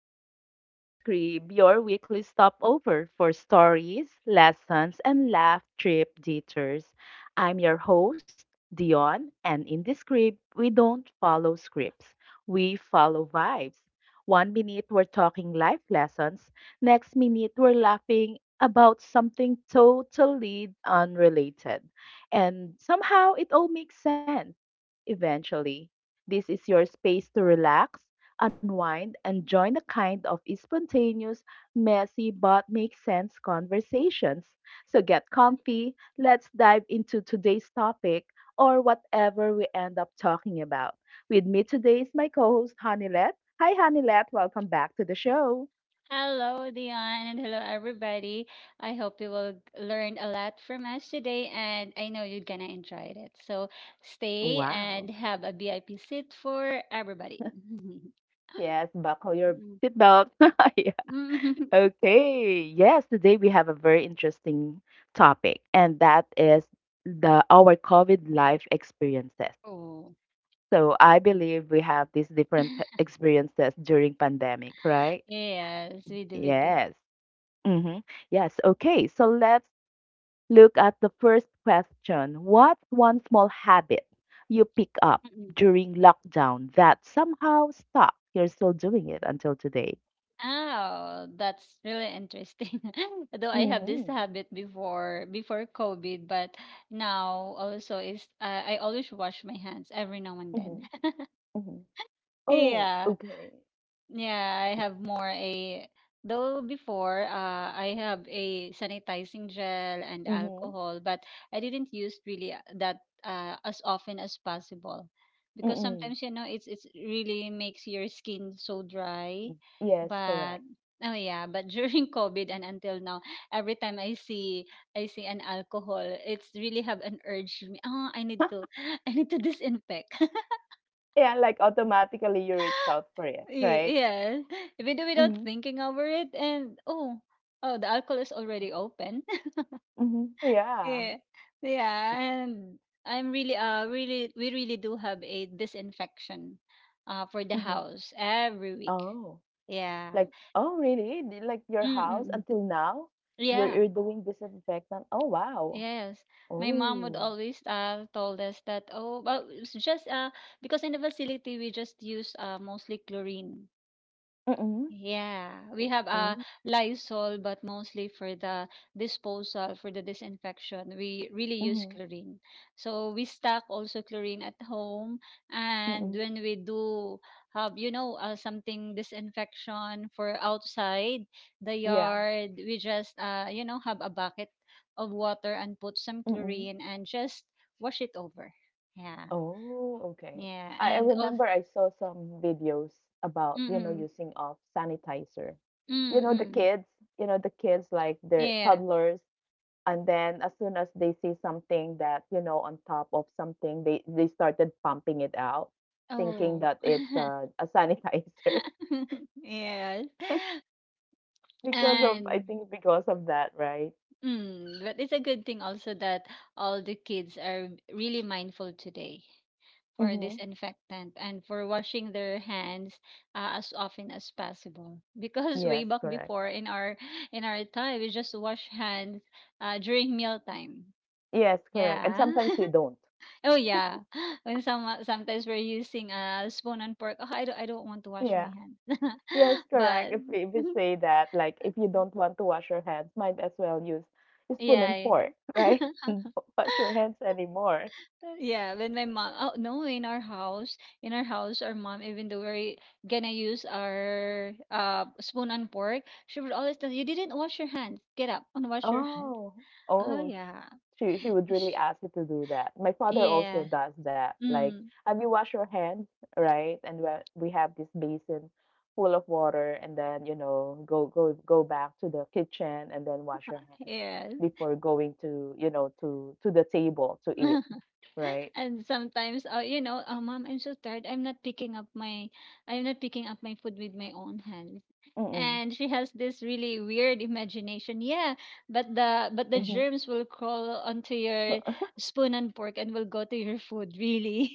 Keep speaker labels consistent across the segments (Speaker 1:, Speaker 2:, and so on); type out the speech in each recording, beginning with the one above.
Speaker 1: back to the Yon Scrib, your weekly stopover for stories, lessons, and laugh trip detours. I'm your host, Dion, and in this script, we don't follow scripts, we follow vibes. One minute, we're talking life lessons, next minute, we're laughing about something totally unrelated. And somehow, it all makes sense eventually. This is your space to relax unwind, and join a kind of spontaneous, messy, but makes sense conversations. So get comfy, let's dive into today's topic or whatever we end up talking about. With me today is my co host, Hanilet. Hi, Hanilet, welcome back to the show.
Speaker 2: Hello, Dion, and hello, everybody. I hope you will learn a lot from us today, and I know you're gonna enjoy it. So stay and
Speaker 1: Wow.
Speaker 2: have a VIP seat for everybody.
Speaker 1: Yes, buckle your
Speaker 2: Mm.
Speaker 1: seatbelt. Yeah. Okay. Yes, today we have a very interesting topic, and that is the our COVID life experiences.
Speaker 2: oh,
Speaker 1: So I believe we have these different experiences during pandemic, right?
Speaker 2: yes, we do, we do.
Speaker 1: Yes. Hmm. Yes. Okay. So let's look at the first question. What's one small habit you pick up
Speaker 2: Mm-mm.
Speaker 1: during lockdown that somehow stuck? You're still doing it until today.
Speaker 2: Oh, that's really interesting. Though I have this
Speaker 1: Mm-hmm.
Speaker 2: habit before COVID, but now also is I always wash my hands every now and then.
Speaker 1: Mm-hmm. Mm-hmm. Oh,
Speaker 2: Yeah.
Speaker 1: okay.
Speaker 2: Yeah, I have more a though before I have a sanitizing gel and
Speaker 1: Mm-hmm.
Speaker 2: alcohol, but I didn't use really that as often as possible because
Speaker 1: Mm-hmm.
Speaker 2: sometimes you know it's really makes your skin so dry.
Speaker 1: Yes,
Speaker 2: But
Speaker 1: correct.
Speaker 2: oh yeah, but during COVID and until now, every time I see an alcohol, it's really have an urge. Oh, I need to I need to disinfect.
Speaker 1: Yeah, like automatically you reach out for it,
Speaker 2: Y-
Speaker 1: right?
Speaker 2: Yeah, if do without
Speaker 1: Mm-hmm.
Speaker 2: thinking over it, and oh, the alcohol is already open.
Speaker 1: Mm-hmm. Yeah.
Speaker 2: yeah, yeah, and I'm we really do have a disinfection, for the house every week.
Speaker 1: Oh,
Speaker 2: Yeah.
Speaker 1: like, oh really? The- like your house
Speaker 2: Mm-mm.
Speaker 1: until now, you're
Speaker 2: Yeah.
Speaker 1: you're doing disinfectant. Oh wow.
Speaker 2: Yes. My mom would
Speaker 1: Oh.
Speaker 2: always told us that oh, well, it's just because in the facility we just use mostly chlorine.
Speaker 1: Mm-mm.
Speaker 2: Yeah, we have a
Speaker 1: Mm-mm.
Speaker 2: Lysol, but mostly for the disposal, for the disinfection, we really use
Speaker 1: Mm-mm.
Speaker 2: chlorine. So we stock also chlorine at home, and
Speaker 1: Mm-mm.
Speaker 2: when we do have, you know, something disinfection for outside the
Speaker 1: Yeah.
Speaker 2: yard, we just you know, have a bucket of water and put some
Speaker 1: Mm-mm.
Speaker 2: chlorine and just wash it over. Yeah,
Speaker 1: Oh, okay.
Speaker 2: yeah,
Speaker 1: I
Speaker 2: and also,
Speaker 1: remember I saw some videos about, you know,
Speaker 2: mm-mm,
Speaker 1: using of sanitizer. You know, the
Speaker 2: mm-mm,
Speaker 1: kids, you know, the kids like their
Speaker 2: yeah.
Speaker 1: toddlers, and then as soon as they see something that, you know, on top of something, they started pumping it out, thinking
Speaker 2: Oh.
Speaker 1: that it's a sanitizer
Speaker 2: yes.
Speaker 1: because of I
Speaker 2: And
Speaker 1: think because of that, right?
Speaker 2: but it's a good thing also that all the kids are really mindful today for
Speaker 1: Mm-hmm.
Speaker 2: disinfectant and for washing their hands as often as possible. Because
Speaker 1: Yes,
Speaker 2: way back
Speaker 1: correct.
Speaker 2: before in our time we just wash hands during mealtime.
Speaker 1: Yes, correct. And
Speaker 2: Yeah.
Speaker 1: sometimes you don't.
Speaker 2: Oh yeah. When sometimes we're using a spoon and fork, oh, I don't want to wash
Speaker 1: Yeah.
Speaker 2: my hands.
Speaker 1: Yes, correct.
Speaker 2: But
Speaker 1: If we say that, like, if you don't want to wash your hands, might as well use a spoon and
Speaker 2: yeah.
Speaker 1: fork, right? Don't wash your hands anymore.
Speaker 2: Yeah, when my mom, oh no, in our house, our mom, even though we're gonna use our spoon and fork, she would always tell you didn't wash your hands. Get up and wash your hands.
Speaker 1: Oh,
Speaker 2: Oh
Speaker 1: oh, sh
Speaker 2: yeah,
Speaker 1: she would really
Speaker 2: Sh-
Speaker 1: ask you to do that. My father also
Speaker 2: yeah,
Speaker 1: does that. Like,
Speaker 2: mm,
Speaker 1: have you washed your hands, right? And we have this basin full of water, and then you know go back to the kitchen and then wash your hands
Speaker 2: yes.
Speaker 1: before going to you know to the table to eat, right?
Speaker 2: And sometimes you know, oh mom, I'm so tired, I'm not picking up my food with my own hands,
Speaker 1: Mm-mm,
Speaker 2: and she has this really weird imagination. Yeah, but the
Speaker 1: mm-hmm.
Speaker 2: germs will crawl onto your spoon and fork and will go to your food. Really.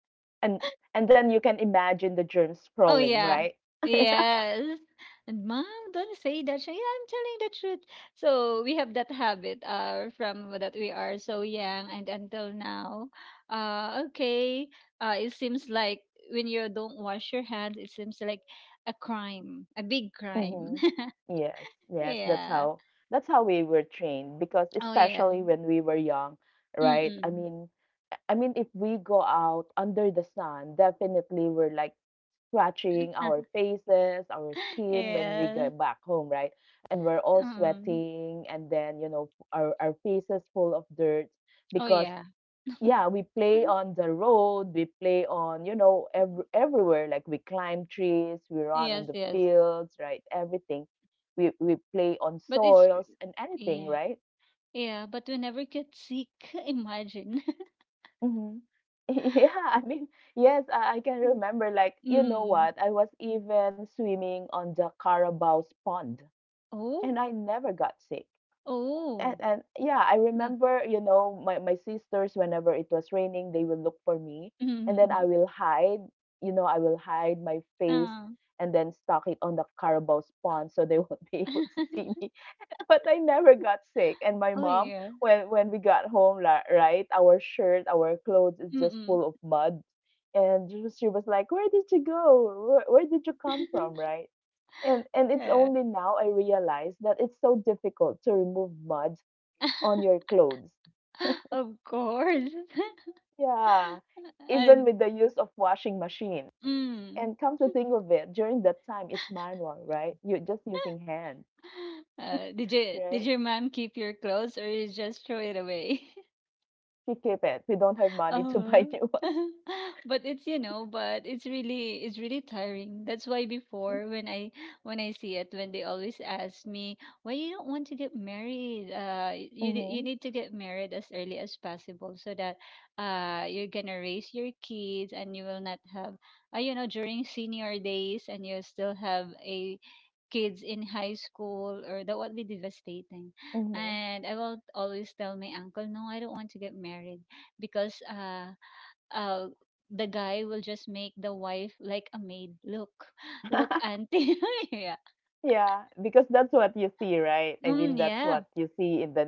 Speaker 1: And and then you can imagine the germs
Speaker 2: Oh
Speaker 1: crawling,
Speaker 2: yeah.
Speaker 1: right?
Speaker 2: Yes. And mom, don't say that. She, yeah, I'm telling the truth. So we have that habit from that we are so young and until now. Okay. It seems like when you don't wash your hands, it seems like a crime, a big crime.
Speaker 1: Mhm. Yes, yes, that's
Speaker 2: Yeah.
Speaker 1: how that's how we were trained because
Speaker 2: Oh yes.
Speaker 1: especially when we were young, right? I
Speaker 2: Mm-mm.
Speaker 1: mean, if we go out under the sun, definitely we're like scratching our faces, our skin when we
Speaker 2: yes.
Speaker 1: get back home, right? And we're all
Speaker 2: Um.
Speaker 1: sweating and then, you know, our faces full of dirt
Speaker 2: Oh
Speaker 1: because
Speaker 2: yeah.
Speaker 1: yeah, we play on the road, we play on, you know, everywhere. Like we climb trees, we run on
Speaker 2: Yes,
Speaker 1: the
Speaker 2: yes.
Speaker 1: fields, right? Everything. We play on
Speaker 2: But it's
Speaker 1: soils and anything,
Speaker 2: yeah.
Speaker 1: right?
Speaker 2: Yeah, but we never get sick, imagine.
Speaker 1: Hmm. Yeah, I mean, yes, I can remember. Like, you know
Speaker 2: Mm.
Speaker 1: what? I was even swimming on the Carabao's pond, and
Speaker 2: Oh?
Speaker 1: I never got sick. and
Speaker 2: Oh.
Speaker 1: and yeah, I
Speaker 2: Yeah.
Speaker 1: remember, you know, my sisters whenever it was raining, they will look for me, and then I
Speaker 2: Mm-hmm.
Speaker 1: will hide, you know, I will hide my face
Speaker 2: Ah.
Speaker 1: and then stock it on the Carabao's pond so they won't be able to see me. But I never got sick, and my
Speaker 2: Oh,
Speaker 1: mom,
Speaker 2: yeah.
Speaker 1: when we got home, right, our shirt, our clothes is just
Speaker 2: Mm-mm.
Speaker 1: full of mud, and she was like, "Where did you go? Where did you come from?" Right and it's
Speaker 2: Yeah.
Speaker 1: only now I realize that it's so difficult to remove mud on your clothes.
Speaker 2: Of course.
Speaker 1: Yeah, even
Speaker 2: And
Speaker 1: with the use of washing machine.
Speaker 2: mm.
Speaker 1: And come to think of it, during that time it's manual, right? You're just using hand,
Speaker 2: Did you did
Speaker 1: right?
Speaker 2: your mom keep your clothes or you just throw it away?
Speaker 1: We keep it. We don't have money to
Speaker 2: Uh-huh.
Speaker 1: buy new ones.
Speaker 2: But it's you know but it's really tiring. That's why before, when I see it when they always ask me why you don't want to get married, you
Speaker 1: Mm-hmm.
Speaker 2: you need to get married as early as possible so that you're gonna raise your kids and you will not have, you know, during senior days, and you still have a kids in high school, or that would be devastating.
Speaker 1: Mm-hmm.
Speaker 2: And I will always tell my uncle, no I don't want to get married, because uh the guy will just make the wife like a maid. Look, look, auntie. Yeah.
Speaker 1: Yeah, because that's what you see, right? I mean,
Speaker 2: Mm,
Speaker 1: that's
Speaker 2: yeah.
Speaker 1: what you see in the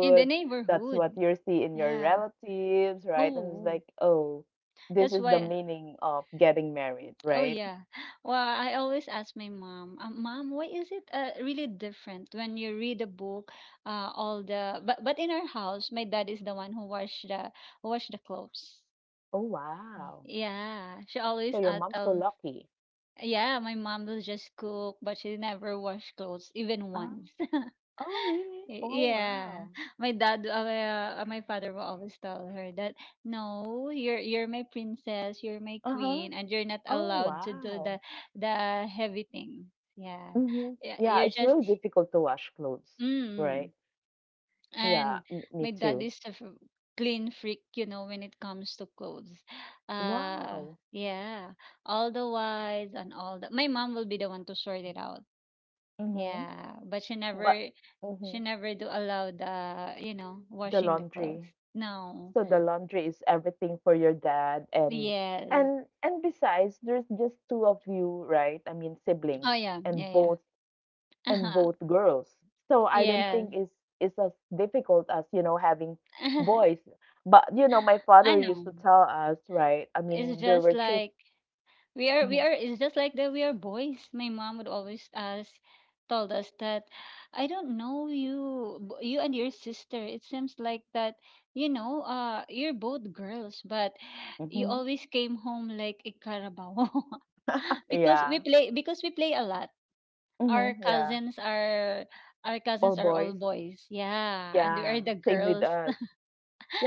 Speaker 2: In the
Speaker 1: That's what
Speaker 2: neighborhood.
Speaker 1: you see in your
Speaker 2: Yeah.
Speaker 1: relatives, right? And it's
Speaker 2: Oh,
Speaker 1: like, oh, this
Speaker 2: that's
Speaker 1: is the
Speaker 2: why.
Speaker 1: meaning of getting married,
Speaker 2: Oh,
Speaker 1: right?
Speaker 2: yeah. Well, I always ask my mom, Mom, why is it really different when you read a book? All the but in our house, my dad is the one who wash the clothes.
Speaker 1: Oh,
Speaker 2: Mm.
Speaker 1: wow.
Speaker 2: Yeah, she
Speaker 1: So
Speaker 2: always
Speaker 1: your mom's so
Speaker 2: tell.
Speaker 1: lucky.
Speaker 2: Yeah, my mom will just cook, but she never wash clothes, even
Speaker 1: Ah.
Speaker 2: once.
Speaker 1: Oh, really? Oh,
Speaker 2: Yeah,
Speaker 1: wow.
Speaker 2: my dad, my father will always tell her that no, you're my princess, you're my queen,
Speaker 1: Uh-huh.
Speaker 2: and you're not
Speaker 1: Oh,
Speaker 2: allowed to do the
Speaker 1: wow.
Speaker 2: heavy thing. Yeah,
Speaker 1: Hmm.
Speaker 2: yeah,
Speaker 1: Yeah,
Speaker 2: you're
Speaker 1: it's
Speaker 2: just
Speaker 1: really difficult to wash clothes,
Speaker 2: mm.
Speaker 1: right? Yeah,
Speaker 2: And
Speaker 1: m me
Speaker 2: my dad
Speaker 1: too.
Speaker 2: is a clean freak, you know, when it comes to clothes. Uh,
Speaker 1: Wow.
Speaker 2: yeah, all the wise and all the. My mom will be the one to sort it out.
Speaker 1: Mm-hmm.
Speaker 2: Yeah, but
Speaker 1: But
Speaker 2: she
Speaker 1: mhm,
Speaker 2: never do allow the, you know,
Speaker 1: the
Speaker 2: washing the clothes.
Speaker 1: laundry.
Speaker 2: No.
Speaker 1: So the laundry is everything for your dad
Speaker 2: Yes.
Speaker 1: and besides, there's just two of you, right? I mean,
Speaker 2: Oh
Speaker 1: siblings,
Speaker 2: yeah, yeah,
Speaker 1: and
Speaker 2: yeah.
Speaker 1: both and
Speaker 2: Uh-huh.
Speaker 1: both girls. So I don't think
Speaker 2: Yes.
Speaker 1: it's as difficult as you know having boys. But you know, my
Speaker 2: I
Speaker 1: father used
Speaker 2: know.
Speaker 1: to tell us, right? I
Speaker 2: It's
Speaker 1: mean, there
Speaker 2: just
Speaker 1: were 3
Speaker 2: like we
Speaker 1: Mhm,
Speaker 2: are it's just like that we are boys. My mom would always us told us that I don't know, you and your sister, it seems like that, you know, you're both girls, but you
Speaker 1: mhm,
Speaker 2: always came home like a carabao. Because we
Speaker 1: yeah,
Speaker 2: play because we play a lot. our
Speaker 1: hmm yeah,
Speaker 2: cousins are our
Speaker 1: all
Speaker 2: cousins are all
Speaker 1: boys.
Speaker 2: boys, yeah, and we are
Speaker 1: Yeah,
Speaker 2: the
Speaker 1: same with
Speaker 2: girls.
Speaker 1: us.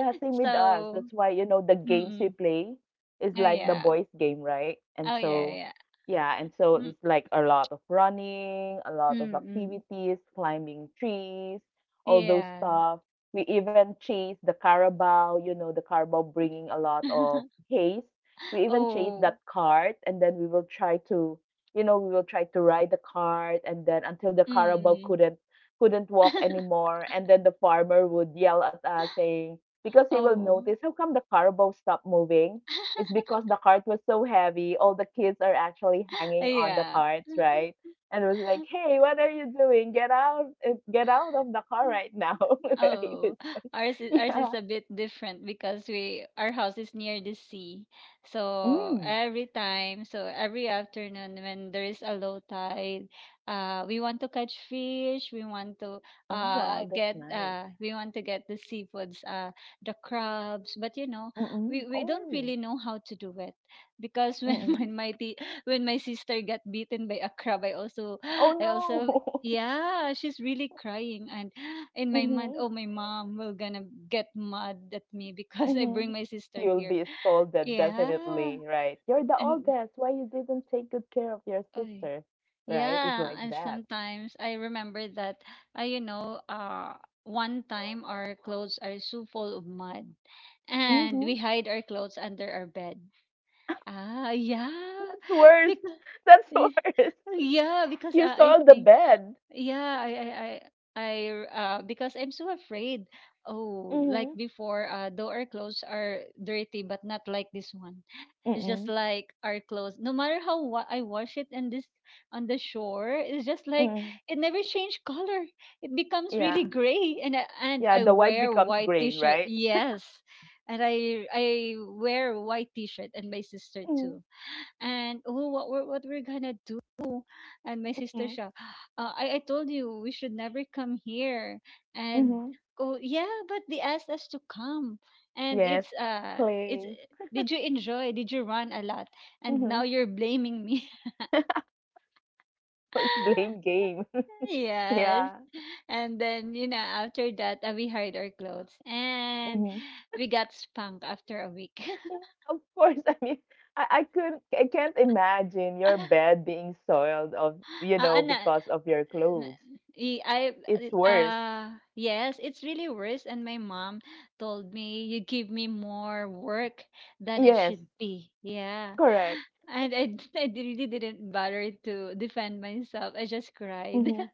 Speaker 1: Yeah, same with us.
Speaker 2: So
Speaker 1: That's why, you know, the games we
Speaker 2: mm-mm.
Speaker 1: play is
Speaker 2: Oh
Speaker 1: like the
Speaker 2: yeah,
Speaker 1: boys' game, right? And
Speaker 2: oh
Speaker 1: so,
Speaker 2: yeah,
Speaker 1: yeah, and so it's like a lot of running, a lot of
Speaker 2: mm-mm.
Speaker 1: activities, climbing trees, all those
Speaker 2: Yeah.
Speaker 1: stuff. We even chase the carabao, you know, the carabao bringing a lot of haze. We even chase
Speaker 2: Oh,
Speaker 1: that cart, and then we will try to, you know, we will try to ride the cart, and then until the carabao
Speaker 2: mm.
Speaker 1: couldn't walk anymore, and then the farmer would yell at us saying because he will
Speaker 2: Oh.
Speaker 1: notice how come the carabao stopped moving it's because the cart was so heavy all the kids are actually hanging on the
Speaker 2: Yeah.
Speaker 1: carts right and it was like hey what are you doing get out of the car right now right?
Speaker 2: Oh,
Speaker 1: It's like,
Speaker 2: ours is
Speaker 1: yeah
Speaker 2: a bit different because we our house is near the sea. So
Speaker 1: mm.
Speaker 2: every time, so every afternoon when there is a low tide, we want to catch fish. We want to
Speaker 1: Oh wow that's
Speaker 2: get
Speaker 1: nice.
Speaker 2: we want to get the seafoods, the crabs. But you know,
Speaker 1: Mm-mm.
Speaker 2: we
Speaker 1: Oh.
Speaker 2: don't really know how to do it because when
Speaker 1: Mm-mm.
Speaker 2: when my sister got bitten by a crab,
Speaker 1: Oh
Speaker 2: I also
Speaker 1: no.
Speaker 2: yeah, she's really crying, and in my mind,
Speaker 1: Mm-hmm.
Speaker 2: oh, my mom will gonna get mad at me because I
Speaker 1: Mm-hmm.
Speaker 2: bring my sister
Speaker 1: You'll
Speaker 2: here.
Speaker 1: be scolded,
Speaker 2: Yeah.
Speaker 1: definitely, right? You're the
Speaker 2: And
Speaker 1: oldest. Why you didn't take good care of your
Speaker 2: oh
Speaker 1: sister, right? It's
Speaker 2: yeah,
Speaker 1: like
Speaker 2: and
Speaker 1: that.
Speaker 2: sometimes I remember that I, you know, one time our clothes are so full of mud and
Speaker 1: Mhm.
Speaker 2: we hide our clothes under our bed. Ah, yeah.
Speaker 1: That's worse. That's worse.
Speaker 2: Because
Speaker 1: You
Speaker 2: I
Speaker 1: sold the
Speaker 2: think.
Speaker 1: bed.
Speaker 2: Yeah, I, because I'm so afraid. Oh, like
Speaker 1: Mhm.
Speaker 2: before, though our clothes are dirty, but not like this one. It's just
Speaker 1: Mm-mm.
Speaker 2: like our clothes. No matter how I wash it, and this on the shore, it's just like
Speaker 1: Mm.
Speaker 2: it never changed color. It becomes really
Speaker 1: Yeah.
Speaker 2: gray, and
Speaker 1: Yeah,
Speaker 2: I
Speaker 1: the white
Speaker 2: wear
Speaker 1: becomes
Speaker 2: white
Speaker 1: gray,
Speaker 2: t-shirt.
Speaker 1: right?
Speaker 2: Yes, and I wear white t-shirt, and my sister too,
Speaker 1: Mhm.
Speaker 2: and oh, what we're gonna do. And my sister
Speaker 1: Mhm.
Speaker 2: siya, I told you we should never come here, and
Speaker 1: Mhm.
Speaker 2: oh yeah, but they asked us to come, and
Speaker 1: Yes.
Speaker 2: it's
Speaker 1: Play.
Speaker 2: did you enjoy, did you run a lot, and now
Speaker 1: Mhm.
Speaker 2: you're blaming me?
Speaker 1: So it's blame game.
Speaker 2: Yes.
Speaker 1: Yeah.
Speaker 2: And then you know, after that, we hired our clothes and
Speaker 1: Hmm.
Speaker 2: we got spanked after a week.
Speaker 1: Yeah, of course. I mean, I couldn't, I can't imagine your bed being soiled of, you know,
Speaker 2: Ano,
Speaker 1: because of your
Speaker 2: N-
Speaker 1: clothes.
Speaker 2: y- I
Speaker 1: It's
Speaker 2: it-
Speaker 1: worse.
Speaker 2: yes, it's really worse, and my mom told me you give me more work than it
Speaker 1: Yes,
Speaker 2: should be. Yeah.
Speaker 1: correct.
Speaker 2: And really didn't bother to defend myself. I just cried.
Speaker 1: Mm-hmm.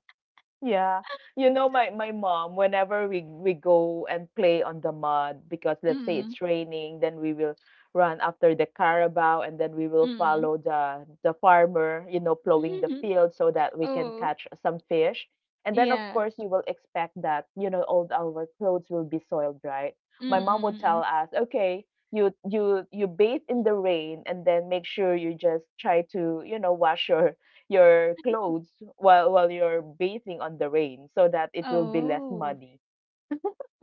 Speaker 1: Yeah. You know, my mom, whenever we go and play on the mud, because let's say
Speaker 2: Mm
Speaker 1: it's raining, then we will run after the carabao and then we will
Speaker 2: mm.
Speaker 1: follow the farmer, you know, plowing the field so that we can
Speaker 2: Oh,
Speaker 1: catch some fish. And then of
Speaker 2: yeah.
Speaker 1: course you will expect that, you know, all our clothes will be soiled, right? My mom would
Speaker 2: Mm-mm.
Speaker 1: tell us, okay, you bathe in the rain and then make sure you just try to, you know, wash your clothes while you're bathing on the rain so that it will be less
Speaker 2: Oh.
Speaker 1: muddy.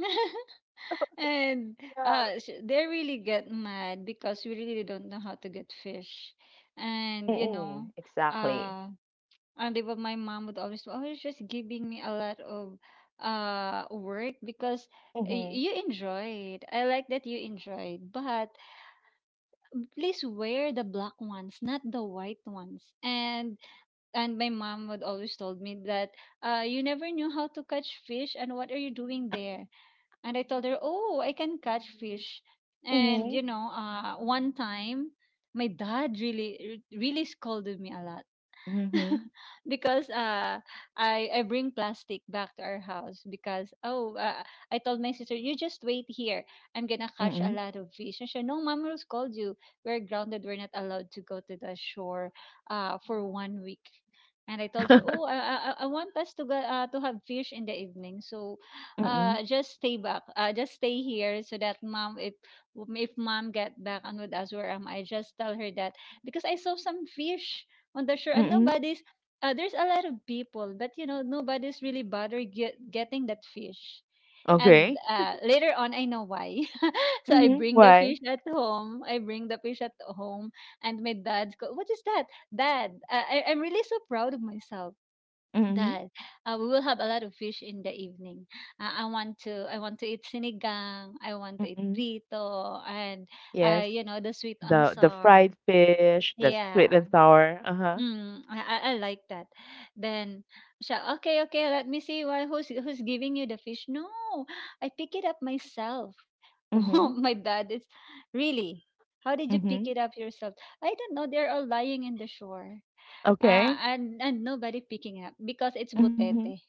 Speaker 2: And
Speaker 1: Yeah.
Speaker 2: they really get mad because we really don't know how to get fish. And you know,
Speaker 1: Mm-mm, exactly.
Speaker 2: uh, and even my mom would always just giving me a lot of work, because
Speaker 1: Mhm.
Speaker 2: you enjoyed. I like that you enjoyed, but please wear the black ones, not the white ones. And my mom would always told me that you never knew how to catch fish, and what are you doing there? And I told her, "Oh, I can catch fish." And
Speaker 1: Mhm.
Speaker 2: one time my dad really really scolded me a lot
Speaker 1: Mhm.
Speaker 2: because I bring plastic back to our house because I told my sister, "You just wait here, I'm gonna catch a
Speaker 1: Mm-mm.
Speaker 2: lot of fish," and she said, "No, mom rules called you, we're grounded, we're not allowed to go to the shore for 1 week." And I told her, I want us to go to have fish in the evening, so
Speaker 1: Mm-mm.
Speaker 2: just stay back, just stay here so that mom, if mom get back and with us, where am I, just tell her that because I saw some fish on the shore, and
Speaker 1: Mm-mm.
Speaker 2: nobody's there's a lot of people, but you know nobody's really bothered getting that fish. And
Speaker 1: Okay.
Speaker 2: later on I know why. So I
Speaker 1: Mhm.
Speaker 2: bring the
Speaker 1: Why?
Speaker 2: fish at home, I bring the fish at home, and my dad's go, "What is that?" "Dad, I'm really so proud of myself,
Speaker 1: Mhm.
Speaker 2: dad. We will have a lot of fish in the evening. I want to I want to eat sinigang, I want to eat
Speaker 1: Mm-mm.
Speaker 2: prito, and
Speaker 1: Yes.
Speaker 2: you know, the sweet
Speaker 1: The
Speaker 2: ansar."
Speaker 1: fried fish, the sweet
Speaker 2: Yeah.
Speaker 1: and sour. Uh-huh.
Speaker 2: I like that. Then she, "Okay, okay, let me see why, who's giving you the fish." "No, I pick it up myself." Oh,
Speaker 1: Mhm.
Speaker 2: my dad is really. "How did you pick
Speaker 1: Mhm.
Speaker 2: it up yourself?" I don't know. They're all lying in the shore.
Speaker 1: Okay.
Speaker 2: And nobody picking up because it's
Speaker 1: Mhm.
Speaker 2: butete.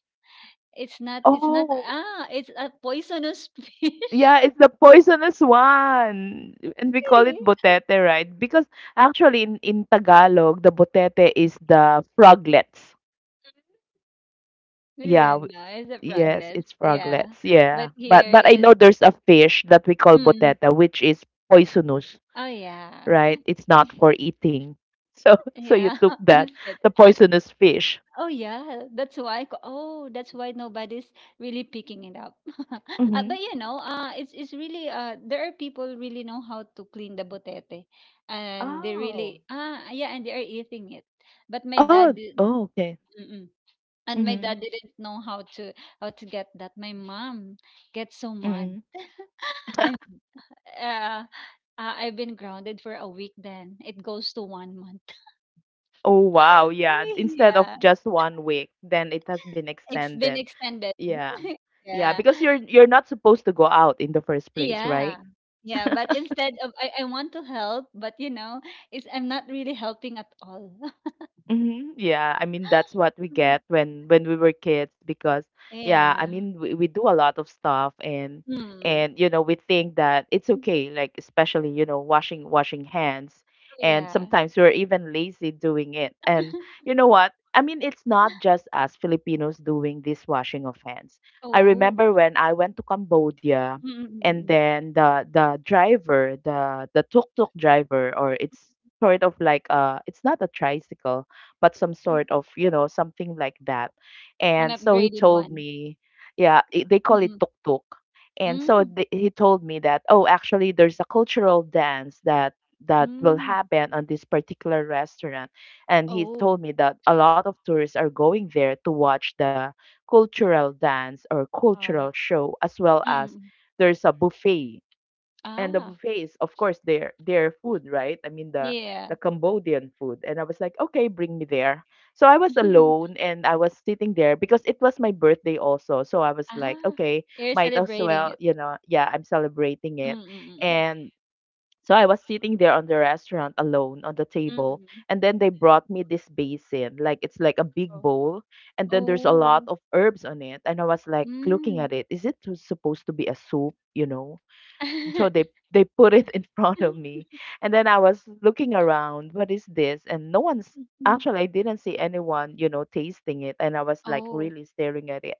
Speaker 2: It's not. It's not.
Speaker 1: Oh.
Speaker 2: Ah, it's a poisonous fish.
Speaker 1: Yeah, it's the poisonous one. And we call it botete, right? Because actually in Tagalog, the botete is the froglets.
Speaker 2: We
Speaker 1: Yeah,
Speaker 2: didn't know. It's a
Speaker 1: yes,
Speaker 2: froglet.
Speaker 1: it's
Speaker 2: Yeah,
Speaker 1: froglets.
Speaker 2: but
Speaker 1: Yeah.
Speaker 2: here
Speaker 1: But I
Speaker 2: is.
Speaker 1: know there's a fish that we call
Speaker 2: Mm,
Speaker 1: botete, which is poisonous,
Speaker 2: oh yeah.
Speaker 1: right? It's not for eating. So so you
Speaker 2: Yeah,
Speaker 1: took that,
Speaker 2: and said,
Speaker 1: the poisonous fish.
Speaker 2: "Oh yeah, that's why. Oh, that's why nobody's really picking it up."
Speaker 1: Mm-hmm.
Speaker 2: But you know, it's it's really there are people really know how to clean the botete, and they
Speaker 1: Oh.
Speaker 2: really, ah yeah, and they are eating it. But my dad
Speaker 1: Oh,
Speaker 2: did
Speaker 1: oh, okay.
Speaker 2: mm-mm. And my
Speaker 1: Mm-hmm.
Speaker 2: dad didn't know how to get that. My mom gets so mad.
Speaker 1: Mm-hmm.
Speaker 2: I'm uh, uh, I've been grounded for a week. Then it goes to 1 month.
Speaker 1: Oh, wow. Yeah. Instead of
Speaker 2: Yeah.
Speaker 1: just one week, then it has been
Speaker 2: It's been
Speaker 1: extended.
Speaker 2: extended.
Speaker 1: Yeah. Yeah,
Speaker 2: Yeah.
Speaker 1: because you're not supposed to go out in the first place,
Speaker 2: Yeah.
Speaker 1: right?
Speaker 2: Yeah, but instead of I want to help, but you know, it's I'm not really helping at all.
Speaker 1: Mhm, yeah, I mean that's what we
Speaker 2: Mm.
Speaker 1: get when we were kids because yeah, I
Speaker 2: Yeah.
Speaker 1: mean we do a lot of stuff
Speaker 2: Hmm.
Speaker 1: and you know we think that it's okay like especially you know washing hands and
Speaker 2: Yeah.
Speaker 1: sometimes we're even lazy doing it. And you know what? I mean it's not just us Filipinos doing this washing of hands. I
Speaker 2: Oh.
Speaker 1: remember when I went to Cambodia and
Speaker 2: Mm-mm-mm.
Speaker 1: then the driver, the tuk-tuk driver or it's sort of like it's not a tricycle but some
Speaker 2: Mm.
Speaker 1: sort of, you know, something like that.
Speaker 2: An
Speaker 1: And so he
Speaker 2: upgraded
Speaker 1: told
Speaker 2: one.
Speaker 1: me, yeah, they call it
Speaker 2: Mm-mm.
Speaker 1: tuk-tuk. And so
Speaker 2: Mm.
Speaker 1: he told me that, oh, actually, there's a cultural dance that will
Speaker 2: Mm.
Speaker 1: happen on this particular restaurant and he
Speaker 2: Oh.
Speaker 1: told me that a lot of tourists are going there to watch the cultural dance or cultural
Speaker 2: Oh.
Speaker 1: show as well as
Speaker 2: Mm-mm.
Speaker 1: there's a buffet and the
Speaker 2: Ah.
Speaker 1: buffets, of course, their food, right? I mean the
Speaker 2: Yeah.
Speaker 1: Cambodian food. And I was like, okay, bring me there. So I was alone and I was sitting there because it was my birthday also. So I was like,
Speaker 2: Ah.
Speaker 1: okay,
Speaker 2: You're
Speaker 1: might as
Speaker 2: celebrating
Speaker 1: well,
Speaker 2: it.
Speaker 1: you know, yeah, I'm celebrating it.
Speaker 2: Mm-mm-mm.
Speaker 1: And so I was sitting there on the restaurant alone on the table.
Speaker 2: Mm.
Speaker 1: And then they brought me this basin. Like it's like a big
Speaker 2: Oh.
Speaker 1: bowl. And then there's a lot
Speaker 2: Oh.
Speaker 1: of herbs on it. And I was like looking
Speaker 2: Hmm.
Speaker 1: at it. Supposed to be a soup? so they they put it in front of me. And then I was looking around, what is this, and no one's
Speaker 2: Mhm.
Speaker 1: actually, I didn't see anyone tasting it, and I was like
Speaker 2: Oh.
Speaker 1: really staring at it.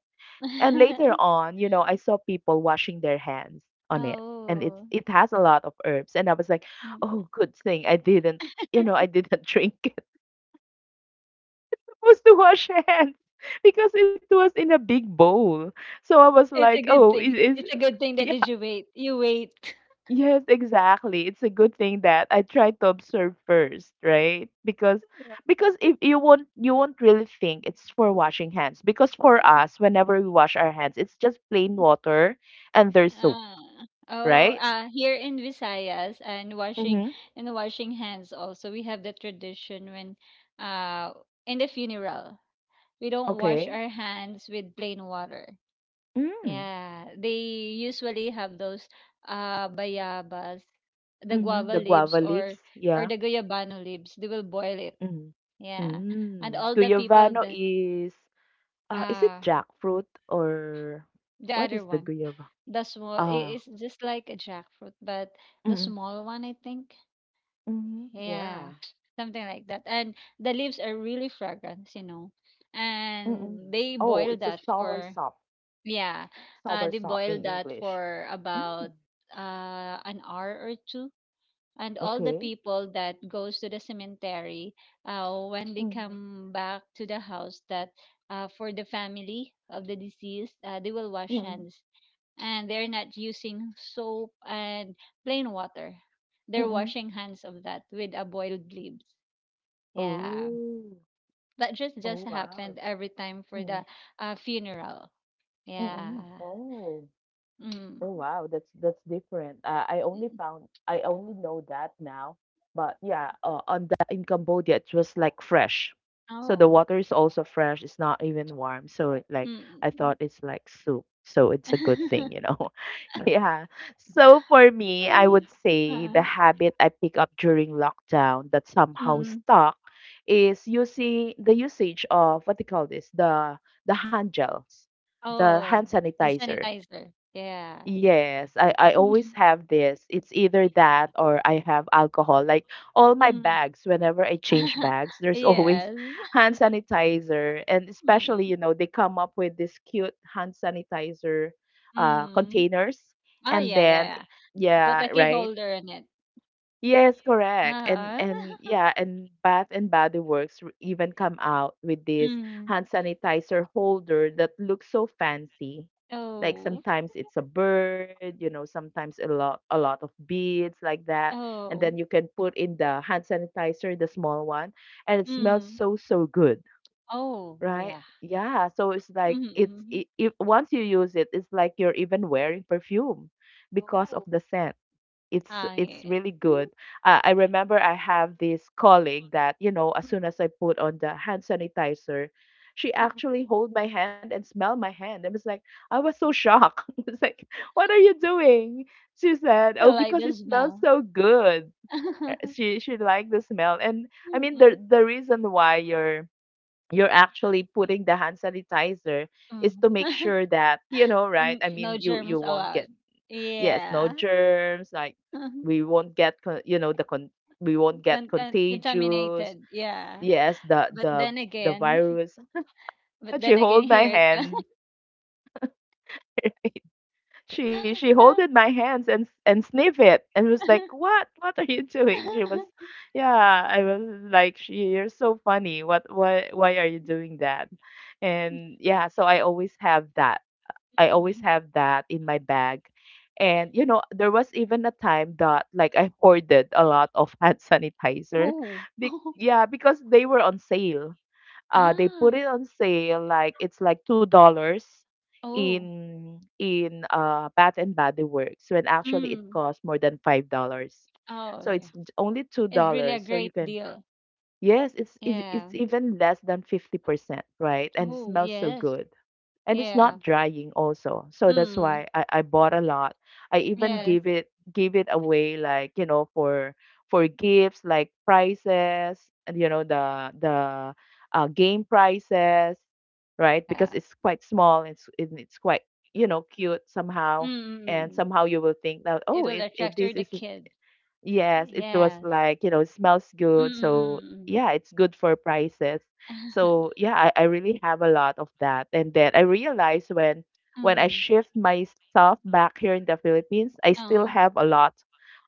Speaker 1: And later on, I saw people washing their hands on it. And it
Speaker 2: Oh.
Speaker 1: it has a lot of herbs, and I was like,
Speaker 2: Mm.
Speaker 1: oh, good thing I didn't. I didn't drink it. I was to wash hands because it was in a big bowl. So I was
Speaker 2: It's
Speaker 1: like,
Speaker 2: a good
Speaker 1: oh,
Speaker 2: thing.
Speaker 1: is
Speaker 2: It's a good thing that,
Speaker 1: is
Speaker 2: did you wait. You wait.
Speaker 1: Yes, exactly. It's a good thing that I try to observe first, right? Because
Speaker 2: Yeah.
Speaker 1: because if you won't really think it's for washing hands. Because for us, whenever we wash our hands, it's just plain water and there's soap,
Speaker 2: Ah. Oh,
Speaker 1: right?
Speaker 2: here in Visayas,
Speaker 1: Mm-hmm.
Speaker 2: and washing hands also, we have the tradition when uh in the funeral, we don't wash
Speaker 1: Okay.
Speaker 2: our hands with plain water.
Speaker 1: Mm.
Speaker 2: Yeah, they usually have those bayabas, the
Speaker 1: Mm-hmm.
Speaker 2: guava
Speaker 1: The guava
Speaker 2: leaves,
Speaker 1: leaves. Yeah.
Speaker 2: or the guyabano leaves. They will boil it.
Speaker 1: Mm.
Speaker 2: Yeah. And
Speaker 1: Mm.
Speaker 2: all the people
Speaker 1: Guyavano is, is it
Speaker 2: uh
Speaker 1: jackfruit or
Speaker 2: the
Speaker 1: what is
Speaker 2: other
Speaker 1: the
Speaker 2: one.
Speaker 1: guyava?
Speaker 2: The small, it
Speaker 1: Ah.
Speaker 2: is just like a jackfruit, but the
Speaker 1: Mm-hmm.
Speaker 2: small one I think.
Speaker 1: Mm-hmm.
Speaker 2: Yeah.
Speaker 1: Yeah.
Speaker 2: Something like that. And the leaves are really fragrant, you know.
Speaker 1: Mm-mm.
Speaker 2: And they
Speaker 1: Oh, it's
Speaker 2: boil
Speaker 1: a
Speaker 2: that
Speaker 1: sour
Speaker 2: for
Speaker 1: sop.
Speaker 2: yeah,
Speaker 1: Sour
Speaker 2: they
Speaker 1: Soursop in
Speaker 2: boil that
Speaker 1: English.
Speaker 2: for
Speaker 1: Mm.
Speaker 2: about an hour or two, and all the
Speaker 1: Okay.
Speaker 2: people that goes to the cemetery, when they
Speaker 1: Mm-hmm.
Speaker 2: come back to the house, that for the family of the deceased, they will wash
Speaker 1: Mm-mm.
Speaker 2: hands, and they're not using soap and plain water. They're
Speaker 1: Mm-mm.
Speaker 2: washing hands of that with a boiled leaves. Yeah,
Speaker 1: Oh.
Speaker 2: that
Speaker 1: Oh,
Speaker 2: just
Speaker 1: wow.
Speaker 2: happened every time for
Speaker 1: Mm.
Speaker 2: the funeral.
Speaker 1: Mm-mm.
Speaker 2: Yeah.
Speaker 1: Oh.
Speaker 2: Mm.
Speaker 1: Oh wow, that's different. I only found I only know that now, but yeah, on the in Cambodia it was like fresh, so the
Speaker 2: Oh.
Speaker 1: water is also fresh. It's not even warm, so it, like, I thought
Speaker 2: Mm.
Speaker 1: it's like soup, so it's a good thing, you know. Yeah. So for me, I
Speaker 2: Ay.
Speaker 1: would say the
Speaker 2: Oo,
Speaker 1: habit I pick up during lockdown that somehow
Speaker 2: mm.
Speaker 1: stuck is using the usage of what they call this, the hand gels, the
Speaker 2: Oo,
Speaker 1: hand
Speaker 2: yung
Speaker 1: sanitizer.
Speaker 2: sanitizer, yeah.
Speaker 1: Yes, I always
Speaker 2: Mhm,
Speaker 1: have this. It's either that or I have alcohol. Like, all my
Speaker 2: mm.
Speaker 1: bags, whenever I change bags, there's always
Speaker 2: Yes.
Speaker 1: hand sanitizer. And especially,
Speaker 2: Mm,
Speaker 1: you know, they come up with this cute hand sanitizer
Speaker 2: mm.
Speaker 1: containers.
Speaker 2: Oh,
Speaker 1: And
Speaker 2: yeah, yeah,
Speaker 1: then,
Speaker 2: yeah. Put
Speaker 1: yeah,
Speaker 2: a key
Speaker 1: right?
Speaker 2: holder in it.
Speaker 1: Yes, correct. And
Speaker 2: Ah.
Speaker 1: and
Speaker 2: Huh.
Speaker 1: yeah, and Bath and Body Works even come out with this
Speaker 2: Mm.
Speaker 1: hand sanitizer holder that looks so fancy. Like
Speaker 2: Oh,
Speaker 1: sometimes it's a bird, you know, sometimes a lot of beads like that. And
Speaker 2: oh,
Speaker 1: then you can put in the hand sanitizer, the small one, and it smells
Speaker 2: mm.
Speaker 1: so so good,
Speaker 2: Oh,
Speaker 1: right?
Speaker 2: yeah.
Speaker 1: Yeah, so it's like,
Speaker 2: Mm.
Speaker 1: it, once you use it, it's like you're even wearing perfume because of
Speaker 2: Oh.
Speaker 1: the scent. it's
Speaker 2: Ah,
Speaker 1: it's
Speaker 2: yeah.
Speaker 1: really good.
Speaker 2: Mhm,
Speaker 1: I remember I have this colleague that as
Speaker 2: mm,
Speaker 1: soon as I put on the hand sanitizer, she
Speaker 2: mm.
Speaker 1: actually hold my hand and smell my hand. I was like, I was so shocked. I was like, what are you doing? She said, oh,
Speaker 2: Still like
Speaker 1: because
Speaker 2: the
Speaker 1: it smells
Speaker 2: smell.
Speaker 1: so good. She she liked the smell, and I mean the
Speaker 2: Mm,
Speaker 1: the reason why you're actually putting the hand sanitizer
Speaker 2: mm.
Speaker 1: is to make sure that, you know, right,
Speaker 2: N
Speaker 1: I
Speaker 2: no
Speaker 1: mean you
Speaker 2: germs
Speaker 1: won't get.
Speaker 2: allowed.
Speaker 1: Yes, no
Speaker 2: Yeah.
Speaker 1: germs, like, we won't get con. You know, the we won't get contagious.
Speaker 2: Contaminated, yeah.
Speaker 1: Yes, the
Speaker 2: But
Speaker 1: the
Speaker 2: then
Speaker 1: the
Speaker 2: again,
Speaker 1: virus. And
Speaker 2: but
Speaker 1: she
Speaker 2: then
Speaker 1: hold
Speaker 2: again,
Speaker 1: my
Speaker 2: here it comes.
Speaker 1: hand. She holded my hands and sniff it and was like, "What? What are you doing?" She was, yeah. I was like, she, "You're so funny. What? Why? Why are you doing that?" And yeah, so I always
Speaker 2: Mm.
Speaker 1: have that in my bag. And you know, there was even a time that, like, I hoarded a lot of hand sanitizer.
Speaker 2: Oh.
Speaker 1: Yeah, because they were on sale. They
Speaker 2: Ah.
Speaker 1: put it on sale, like, it's like $2
Speaker 2: Oh.
Speaker 1: in Bath and Body Works when actually it
Speaker 2: Mm.
Speaker 1: costs more than $5.
Speaker 2: Oh,
Speaker 1: So
Speaker 2: yeah.
Speaker 1: it's only two
Speaker 2: It's really a
Speaker 1: dollars. So you
Speaker 2: great
Speaker 1: can,
Speaker 2: deal.
Speaker 1: yes, it's it's
Speaker 2: Yeah.
Speaker 1: it's even less than 50%, right? And it
Speaker 2: Oh,
Speaker 1: smells so
Speaker 2: yes.
Speaker 1: good and it's not
Speaker 2: Yeah.
Speaker 1: drying also, so that's
Speaker 2: Mm.
Speaker 1: why I bought a lot. I even
Speaker 2: Yes.
Speaker 1: gave it away, like, you know, for gifts, like prizes, and you know, the game prizes, right? Because
Speaker 2: Yeah.
Speaker 1: it's quite small. It's quite, you know, cute somehow. And
Speaker 2: Mm.
Speaker 1: somehow you will think that,
Speaker 2: It
Speaker 1: oh,
Speaker 2: will
Speaker 1: it,
Speaker 2: attract her
Speaker 1: this
Speaker 2: the
Speaker 1: is.
Speaker 2: kids.
Speaker 1: Yes, it was
Speaker 2: Yes.
Speaker 1: like, you know, it smells good. So,
Speaker 2: Mm.
Speaker 1: yeah, it's good for prices. So, yeah, I really have a lot of that. And then I realized when I
Speaker 2: Mm.
Speaker 1: shift my stuff back here in the Philippines, I
Speaker 2: Mm.
Speaker 1: still
Speaker 2: Mm.
Speaker 1: have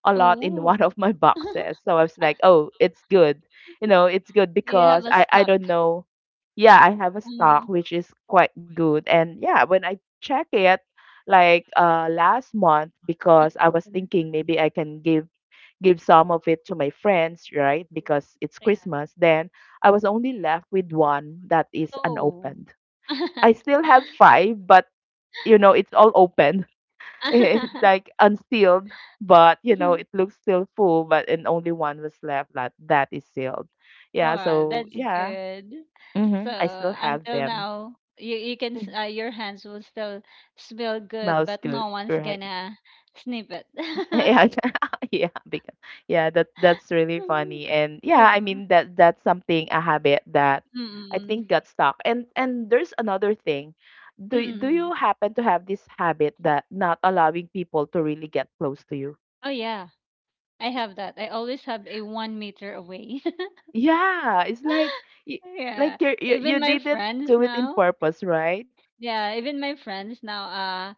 Speaker 1: a lot in one
Speaker 2: Oh,
Speaker 1: of my boxes. So I was like, oh, it's good. You know, it's good
Speaker 2: you have
Speaker 1: because
Speaker 2: a
Speaker 1: I
Speaker 2: stock.
Speaker 1: don't know. Yeah, I have a stock
Speaker 2: Mm.
Speaker 1: which is quite good. And yeah, when I check it, like, last month, because I was
Speaker 2: Mm.
Speaker 1: thinking maybe I can give some of it to my friends, right? Because it's
Speaker 2: Yeah.
Speaker 1: Christmas. Then I was only left with one that is
Speaker 2: Oh.
Speaker 1: unopened. I still have five, but you know, it's all open. It's like unsealed, but you know, it looks still full, but and only one was left that is sealed. Yeah,
Speaker 2: Wow,
Speaker 1: so
Speaker 2: that's
Speaker 1: yeah,
Speaker 2: good. So
Speaker 1: I still have
Speaker 2: until
Speaker 1: them.
Speaker 2: now, you
Speaker 1: Mhm.
Speaker 2: your hands will still smell good,
Speaker 1: Smells
Speaker 2: but
Speaker 1: good,
Speaker 2: no one's
Speaker 1: right?
Speaker 2: gonna sniff it.
Speaker 1: Yeah, yeah, because yeah, that's really
Speaker 2: Mm,
Speaker 1: funny, and yeah, I
Speaker 2: uh,
Speaker 1: mean that's something, a habit that I
Speaker 2: Mm-mm.
Speaker 1: think got stuck. And there's another thing. Do you
Speaker 2: Mm-mm.
Speaker 1: happen to have this habit that not allowing people to really get close to you?
Speaker 2: Oh yeah, I have that. I always have a 1 meter away.
Speaker 1: Yeah, it's like, y-
Speaker 2: Yeah,
Speaker 1: like you're, you
Speaker 2: even
Speaker 1: you
Speaker 2: my
Speaker 1: didn't do
Speaker 2: friends
Speaker 1: it in
Speaker 2: now.
Speaker 1: purpose, right?
Speaker 2: Yeah, even my friends now, uh,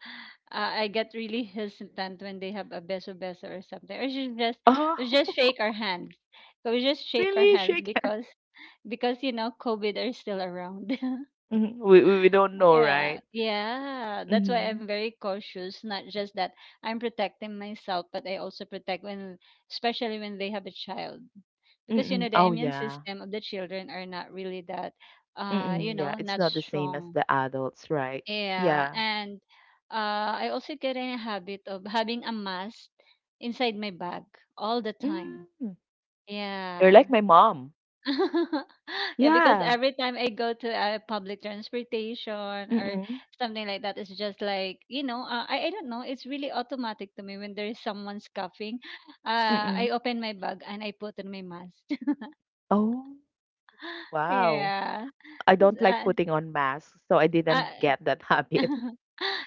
Speaker 2: uh, I get really hesitant when they have a beso beso or something. Or should just we
Speaker 1: Oh,
Speaker 2: just shake our hands. So we just shake our
Speaker 1: really?
Speaker 2: hands
Speaker 1: She can.
Speaker 2: because you know COVID are still around.
Speaker 1: Mhm. We don't know,
Speaker 2: Yeah,
Speaker 1: right?
Speaker 2: yeah. That's why
Speaker 1: Mm-hmm.
Speaker 2: I'm very cautious. Not just that I'm protecting myself, but I also protect when, especially when they have a child, because you
Speaker 1: Mm-mm.
Speaker 2: know the
Speaker 1: Oh
Speaker 2: immune
Speaker 1: yeah.
Speaker 2: system of the children are not really that, you
Speaker 1: Mm, yeah,
Speaker 2: know,
Speaker 1: it's
Speaker 2: not
Speaker 1: not the same as
Speaker 2: strong,
Speaker 1: the adults, right?
Speaker 2: yeah,
Speaker 1: Yeah.
Speaker 2: and I also get in a habit of having a mask inside my bag all the time.
Speaker 1: Mm, you're
Speaker 2: Yeah.
Speaker 1: like my mom.
Speaker 2: Yeah, because
Speaker 1: Yeah.
Speaker 2: every time I go to a public transportation or
Speaker 1: Mm-mm.
Speaker 2: something like that, it's just like, you know, I don't know, it's really automatic to me when there is someone coughing. I
Speaker 1: Mm-mm.
Speaker 2: open my bag and I put on my mask.
Speaker 1: Oh, wow.
Speaker 2: Yeah.
Speaker 1: I don't
Speaker 2: S-
Speaker 1: like putting on masks, so I
Speaker 2: Uh,
Speaker 1: didn't get that
Speaker 2: uh,
Speaker 1: habit.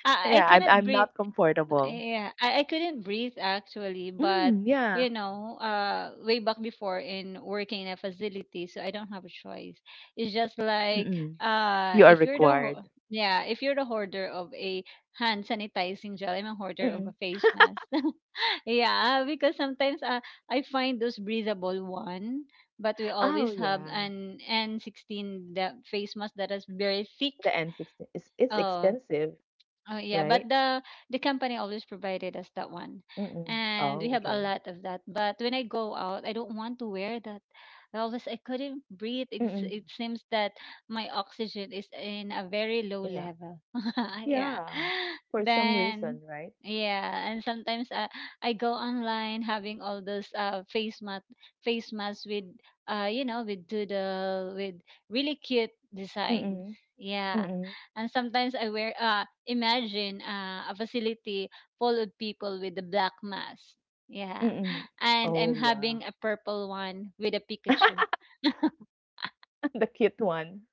Speaker 2: I
Speaker 1: Yeah, I'm
Speaker 2: cannot
Speaker 1: I'm
Speaker 2: breathe.
Speaker 1: not comfortable.
Speaker 2: Yeah, I couldn't breathe actually, but
Speaker 1: Mm, yeah.
Speaker 2: you know, way back before in working in a facility, so I don't have a choice. It's just like
Speaker 1: Mm-mm. You are
Speaker 2: if you're the
Speaker 1: required.
Speaker 2: yeah, if you're the hoarder of a hand sanitizing gel, I'm a hoarder of a
Speaker 1: Mm-mm.
Speaker 2: face mask. Yeah, because sometimes I find those breathable one, but we always
Speaker 1: Oh,
Speaker 2: have
Speaker 1: yeah.
Speaker 2: an N16, the face mask that is very thick.
Speaker 1: The N16 is it's
Speaker 2: Oh,
Speaker 1: expensive,
Speaker 2: oh yeah, but
Speaker 1: right?
Speaker 2: the company always provided us that one,
Speaker 1: Mm-mm.
Speaker 2: and we
Speaker 1: Oh,
Speaker 2: have a
Speaker 1: okay.
Speaker 2: lot of that. But when I go out, I don't want to wear that. I always I couldn't breathe. It's,
Speaker 1: Mm-mm.
Speaker 2: it seems that my oxygen is in a very low
Speaker 1: Yeah.
Speaker 2: level. Yeah.
Speaker 1: Yeah. For some
Speaker 2: Then
Speaker 1: reason, right?
Speaker 2: yeah, and sometimes I go online having all those face masks with you know with doodle, with really cute designs.
Speaker 1: Mm-mm.
Speaker 2: Yeah,
Speaker 1: Mm-mm.
Speaker 2: and sometimes I wear, uh, imagine a facility full of people with a black mask. Yeah.
Speaker 1: Mm.
Speaker 2: And
Speaker 1: Oh,
Speaker 2: I'm
Speaker 1: yeah.
Speaker 2: having a purple one with a Pikachu.
Speaker 1: The cute one.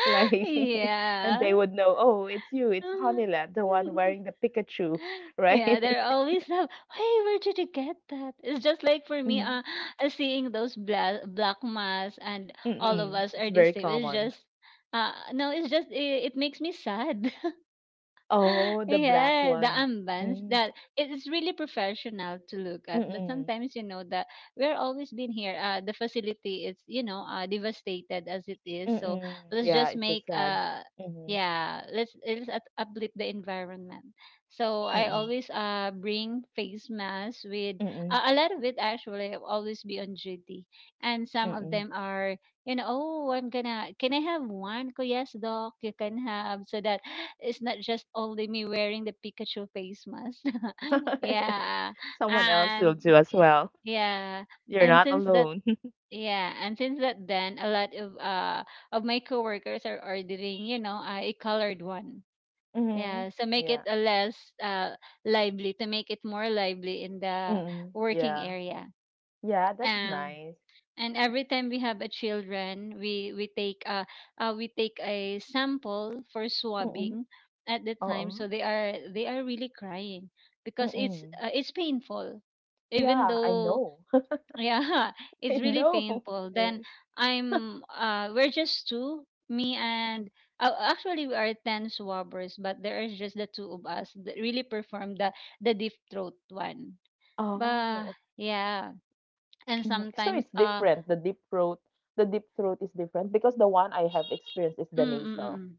Speaker 1: Like, and
Speaker 2: Yeah.
Speaker 1: they would know, "Oh, it's you. It's
Speaker 2: Um,
Speaker 1: Honila, the one wearing the Pikachu,"
Speaker 2: yeah, they're
Speaker 1: right?
Speaker 2: always have, "Hey, where did you get that?" It's just like for me,
Speaker 1: Mhm.
Speaker 2: seeing those black black masks and all of
Speaker 1: Mm.
Speaker 2: us
Speaker 1: It's
Speaker 2: are the
Speaker 1: very
Speaker 2: same. It's
Speaker 1: common.
Speaker 2: just, no, it's just it, it makes me sad.
Speaker 1: Oh, the black
Speaker 2: Yeah, the
Speaker 1: one.
Speaker 2: armbands
Speaker 1: Mm.
Speaker 2: that it is really professional to look at, but
Speaker 1: Mm.
Speaker 2: sometimes you know that we're always been here. The facility is, you know, devastated as it is, so
Speaker 1: Mm.
Speaker 2: let's
Speaker 1: Yeah,
Speaker 2: just
Speaker 1: it's a
Speaker 2: make
Speaker 1: sad. Mhm.
Speaker 2: yeah let's uplift the environment. So I
Speaker 1: Mm.
Speaker 2: always bring face masks with
Speaker 1: Mm.
Speaker 2: a lot of it actually. I'll always be on duty, and some of
Speaker 1: Mm.
Speaker 2: them are, you know, "Oh, I'm gonna, can I have one?" "Oh, yes, doc, you can have," so that it's not just only me wearing the Pikachu face mask. Yeah.
Speaker 1: Someone else will
Speaker 2: And
Speaker 1: do as well.
Speaker 2: yeah.
Speaker 1: You're
Speaker 2: And
Speaker 1: not
Speaker 2: since that
Speaker 1: alone.
Speaker 2: yeah, and since that, then a lot of my coworkers are ordering, you know, a colored one.
Speaker 1: Mhm.
Speaker 2: Yeah, so make it
Speaker 1: Yeah.
Speaker 2: a less uh lively, to make it more lively in the
Speaker 1: Mm.
Speaker 2: working
Speaker 1: Yeah.
Speaker 2: area.
Speaker 1: Yeah, that's
Speaker 2: Um
Speaker 1: nice.
Speaker 2: and every time we have a children, we take a sample for
Speaker 1: Mm.
Speaker 2: swabbing at the time,
Speaker 1: Oo.
Speaker 2: so they are really crying because
Speaker 1: Mm.
Speaker 2: it's painful, even
Speaker 1: Yeah, I
Speaker 2: though
Speaker 1: know.
Speaker 2: yeah it's
Speaker 1: I
Speaker 2: really
Speaker 1: know,
Speaker 2: painful.
Speaker 1: it
Speaker 2: Then
Speaker 1: is.
Speaker 2: I'm we're just two, me and actually we are 10 swabbers, but there is just the two of us that really perform the deep throat one, but
Speaker 1: Oh,
Speaker 2: yeah, and
Speaker 1: mm. So
Speaker 2: sometimes
Speaker 1: it's
Speaker 2: uh
Speaker 1: different. The deep throat is different because the one I have experienced is
Speaker 2: mm, mm, mm, mm.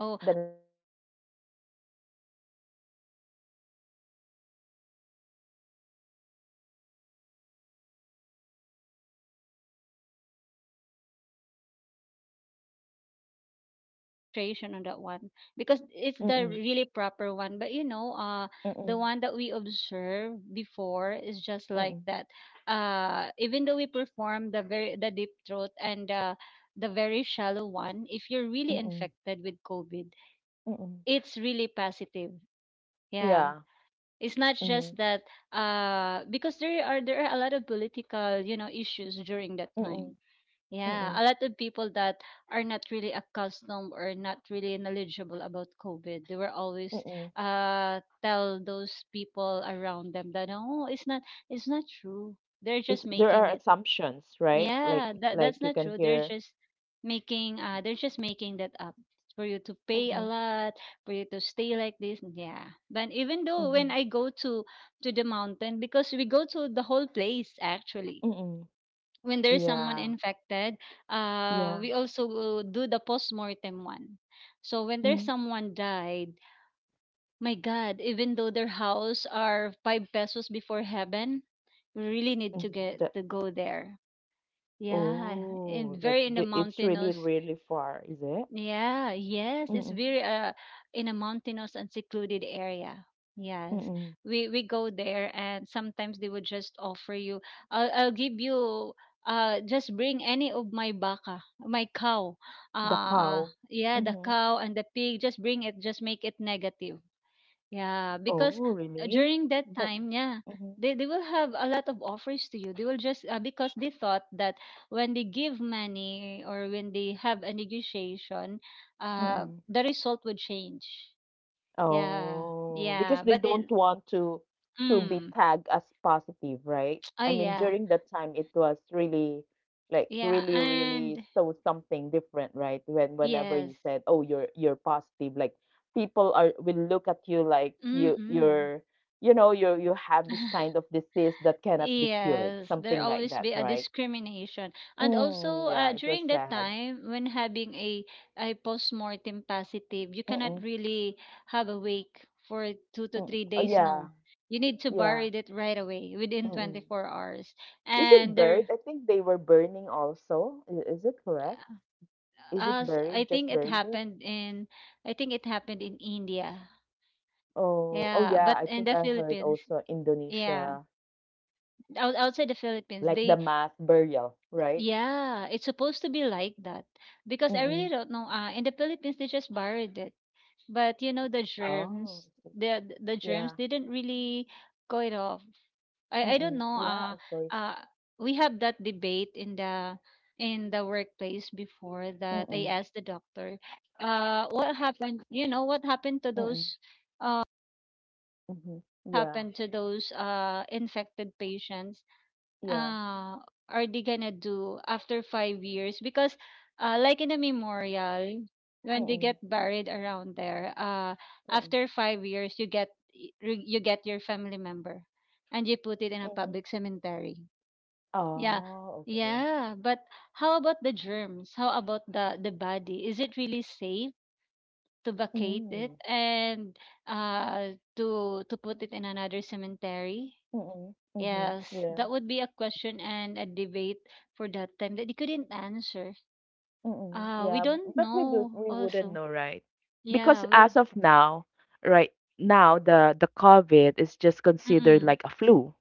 Speaker 2: Oh,
Speaker 1: the
Speaker 2: I
Speaker 1: nasal one.
Speaker 2: it is really a nasal and
Speaker 1: Mm.
Speaker 2: both of it, the nasal and the deep throat one.
Speaker 1: Mhm.
Speaker 2: And you know, they'll always say that the nasal one also I really have a very deep penetration on that one because it's the
Speaker 1: Mm.
Speaker 2: really proper one. But you know, the
Speaker 1: Mm.
Speaker 2: one that we observe before is just like
Speaker 1: Mm.
Speaker 2: that. Even though we perform the very the deep throat and the very shallow one, if you're really
Speaker 1: Mm.
Speaker 2: infected with COVID,
Speaker 1: Mm.
Speaker 2: it's really positive. Yeah.
Speaker 1: Yeah.
Speaker 2: It's not
Speaker 1: Mhm.
Speaker 2: just that because there are a lot of political, you know, issues during that
Speaker 1: Mm.
Speaker 2: time. Yeah,
Speaker 1: Mm.
Speaker 2: a lot of people that are not really accustomed or not really knowledgeable about COVID. They were always
Speaker 1: Mm.
Speaker 2: tell those people around them that, "No, it's not true. They're just
Speaker 1: Is there
Speaker 2: making
Speaker 1: are
Speaker 2: it."
Speaker 1: assumptions, right? Like
Speaker 2: Yeah, that that's
Speaker 1: you
Speaker 2: not
Speaker 1: can
Speaker 2: true.
Speaker 1: hear.
Speaker 2: They're just making that up for you to pay a
Speaker 1: Mhm.
Speaker 2: lot, for you to stay like this. Yeah. But even though when
Speaker 1: Mhm.
Speaker 2: I go to the mountain, because we go to the whole place actually.
Speaker 1: Mm.
Speaker 2: When there's someone
Speaker 1: Yeah.
Speaker 2: infected,
Speaker 1: Yeah.
Speaker 2: we also will do the post-mortem one. So when there's
Speaker 1: Mm.
Speaker 2: someone died, my God, even though their house are five pesos before heaven, we really need to
Speaker 1: Mhm.
Speaker 2: get
Speaker 1: The.
Speaker 2: to go there, yeah,
Speaker 1: Oh,
Speaker 2: and
Speaker 1: like
Speaker 2: very in
Speaker 1: the,
Speaker 2: the
Speaker 1: it's really
Speaker 2: mountainous.
Speaker 1: really far, is it?
Speaker 2: Yeah, yes,
Speaker 1: Mm-mm.
Speaker 2: it's very in a mountainous and secluded area. Yes,
Speaker 1: Mm-mm.
Speaker 2: we go there, and sometimes they would just offer you. I'll give you. Just bring any of my baka, my cow. Uh,
Speaker 1: Dakau.
Speaker 2: yeah, the
Speaker 1: Mm-hmm.
Speaker 2: cow and the pig. Just bring it. Just make it negative." Yeah,
Speaker 1: Oh,
Speaker 2: because
Speaker 1: really?
Speaker 2: during that
Speaker 1: But.
Speaker 2: time, yeah, they will have a lot of offers to you. They will just because they thought that when they give money or when they have a negotiation,
Speaker 1: Mm-hmm.
Speaker 2: the result would change. Yeah,
Speaker 1: Oh, because
Speaker 2: yeah,
Speaker 1: they
Speaker 2: but
Speaker 1: don't
Speaker 2: it,
Speaker 1: want to be
Speaker 2: mm,
Speaker 1: tagged as positive, right?
Speaker 2: oh
Speaker 1: I mean,
Speaker 2: yeah,
Speaker 1: during that time, it was really like
Speaker 2: yeah,
Speaker 1: really, really
Speaker 2: and
Speaker 1: so something different, right? Whenever
Speaker 2: yes,
Speaker 1: you said, "Oh, you're positive," like, people are will look at you like
Speaker 2: mm-mm.
Speaker 1: you're, you know, you have this kind of disease that cannot be cured,
Speaker 2: Yes, there
Speaker 1: something like
Speaker 2: always
Speaker 1: that,
Speaker 2: be a
Speaker 1: right?
Speaker 2: discrimination. And
Speaker 1: Mm,
Speaker 2: also
Speaker 1: yeah, it was
Speaker 2: during that
Speaker 1: sad.
Speaker 2: time when having a postmortem positive, you
Speaker 1: Mm-mm,
Speaker 2: cannot really have a wake for two to
Speaker 1: mm-mm.
Speaker 2: three
Speaker 1: Oh
Speaker 2: days,
Speaker 1: yeah,
Speaker 2: no. You need to
Speaker 1: yeah.
Speaker 2: bury it right away within
Speaker 1: Mm-mm.
Speaker 2: 24 hours.
Speaker 1: Is it
Speaker 2: And
Speaker 1: buried?
Speaker 2: there,
Speaker 1: I think they were burning also. Is it correct? Is it
Speaker 2: as I
Speaker 1: buried? Just
Speaker 2: think it
Speaker 1: buried it?
Speaker 2: happened in I think it happened in India.
Speaker 1: Oh, oh
Speaker 2: Yeah,
Speaker 1: yeah.
Speaker 2: but
Speaker 1: I
Speaker 2: in
Speaker 1: think
Speaker 2: the
Speaker 1: I heard
Speaker 2: Philippines,
Speaker 1: also
Speaker 2: yeah,
Speaker 1: Indonesia,
Speaker 2: outside the Philippines,
Speaker 1: like the
Speaker 2: they.
Speaker 1: mass burial, right?
Speaker 2: Yeah, it's supposed to be like that because I
Speaker 1: Mm-mm.
Speaker 2: really don't know. In the Philippines, they just buried it, but you know the
Speaker 1: Oh, I
Speaker 2: germs,
Speaker 1: see.
Speaker 2: the
Speaker 1: Yeah.
Speaker 2: germs didn't really go it off. I don't
Speaker 1: Mm-mm.
Speaker 2: know.
Speaker 1: Yeah, of course.
Speaker 2: Uh, we have that debate in the workplace before that.
Speaker 1: Mm-mm.
Speaker 2: I asked the doctor, what happened? You know what happened to
Speaker 1: Mm-mm.
Speaker 2: those? Uh,
Speaker 1: Mm-hmm.
Speaker 2: really
Speaker 1: Yeah.
Speaker 2: happened to those infected patients?
Speaker 1: Yeah.
Speaker 2: Uh, are they gonna do after 5 years? Because, like in the memorial, when they
Speaker 1: Mm-mm.
Speaker 2: get buried around there,
Speaker 1: Mm-mm.
Speaker 2: after 5 years, you get you get your family member, and you put it in a
Speaker 1: Mm-hmm.
Speaker 2: public cemetery. Yeah,
Speaker 1: Oh, okay.
Speaker 2: yeah. But how about the germs? How about the body? Is it really safe? To vacate it,
Speaker 1: Mm-mm.
Speaker 2: and to put it in another cemetery.
Speaker 1: Mm-mm. Mm-hmm.
Speaker 2: Yes,
Speaker 1: Yeah.
Speaker 2: that would be a question and a debate for that time that they couldn't answer.
Speaker 1: Mm-mm,
Speaker 2: We
Speaker 1: yeah,
Speaker 2: don't
Speaker 1: but
Speaker 2: know
Speaker 1: we wouldn't
Speaker 2: also.
Speaker 1: know, right? Because
Speaker 2: Yeah, we.
Speaker 1: as of now, right now, the COVID is just considered
Speaker 2: Mm-mm.
Speaker 1: like a flu,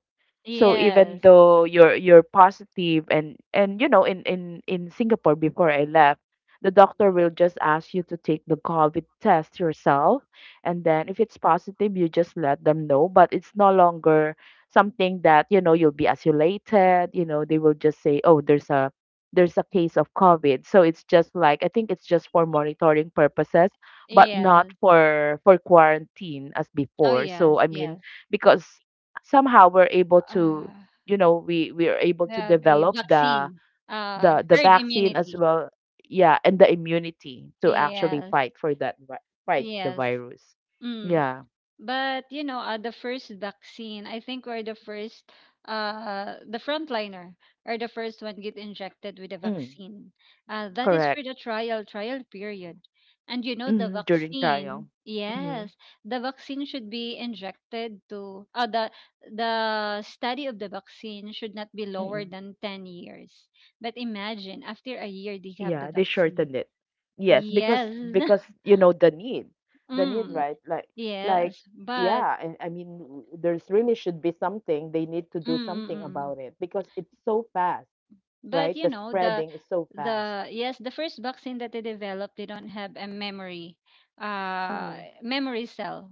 Speaker 1: so even
Speaker 2: Yes.
Speaker 1: though you're positive, and you know, in Singapore before I left, the doctor will just ask you to take the COVID test yourself, and then if it's positive you just let them know. But it's no longer something that, you know, you'll be isolated. You know, they will just say, oh, there's a case of COVID. So it's just like, I think it's just for monitoring purposes but not
Speaker 2: Yes.
Speaker 1: for quarantine as
Speaker 2: Oh
Speaker 1: before.
Speaker 2: yes,
Speaker 1: So I mean,
Speaker 2: yes.
Speaker 1: because somehow we're able to
Speaker 2: Uh,
Speaker 1: you know, we are able
Speaker 2: we
Speaker 1: to
Speaker 2: have a
Speaker 1: develop the
Speaker 2: vaccine.
Speaker 1: the the
Speaker 2: Herd
Speaker 1: vaccine as
Speaker 2: immunity.
Speaker 1: well. Yeah, and the immunity to actually
Speaker 2: Yes.
Speaker 1: fight for that vi- fight the
Speaker 2: Yes.
Speaker 1: virus.
Speaker 2: Mm.
Speaker 1: Yeah.
Speaker 2: But you know, the first vaccine, I think we're the first, the frontliner are the first one get injected with the
Speaker 1: Mm,
Speaker 2: vaccine. That is
Speaker 1: correct.
Speaker 2: for the trial period, and you know the
Speaker 1: During trial.
Speaker 2: vaccine.
Speaker 1: hmm
Speaker 2: Yes, the vaccine should be injected to. The study of the vaccine should not be lower
Speaker 1: mm,
Speaker 2: than 10 years. But imagine after a year they have the
Speaker 1: yeah, they
Speaker 2: vaccine.
Speaker 1: shortened it. Yes, because
Speaker 2: Yes.
Speaker 1: you know, the need,
Speaker 2: Mm,
Speaker 1: right, like, like
Speaker 2: yes, but.
Speaker 1: yeah, I mean there's really should be something they need to
Speaker 2: Mm,
Speaker 1: do
Speaker 2: mm,
Speaker 1: something
Speaker 2: mm.
Speaker 1: about it because it's so fast.
Speaker 2: But
Speaker 1: Right?
Speaker 2: you
Speaker 1: The
Speaker 2: know,
Speaker 1: spreading is so fast.
Speaker 2: the first vaccine that they developed, they don't have a memory, uh
Speaker 1: Mm-hmm.
Speaker 2: memory cell.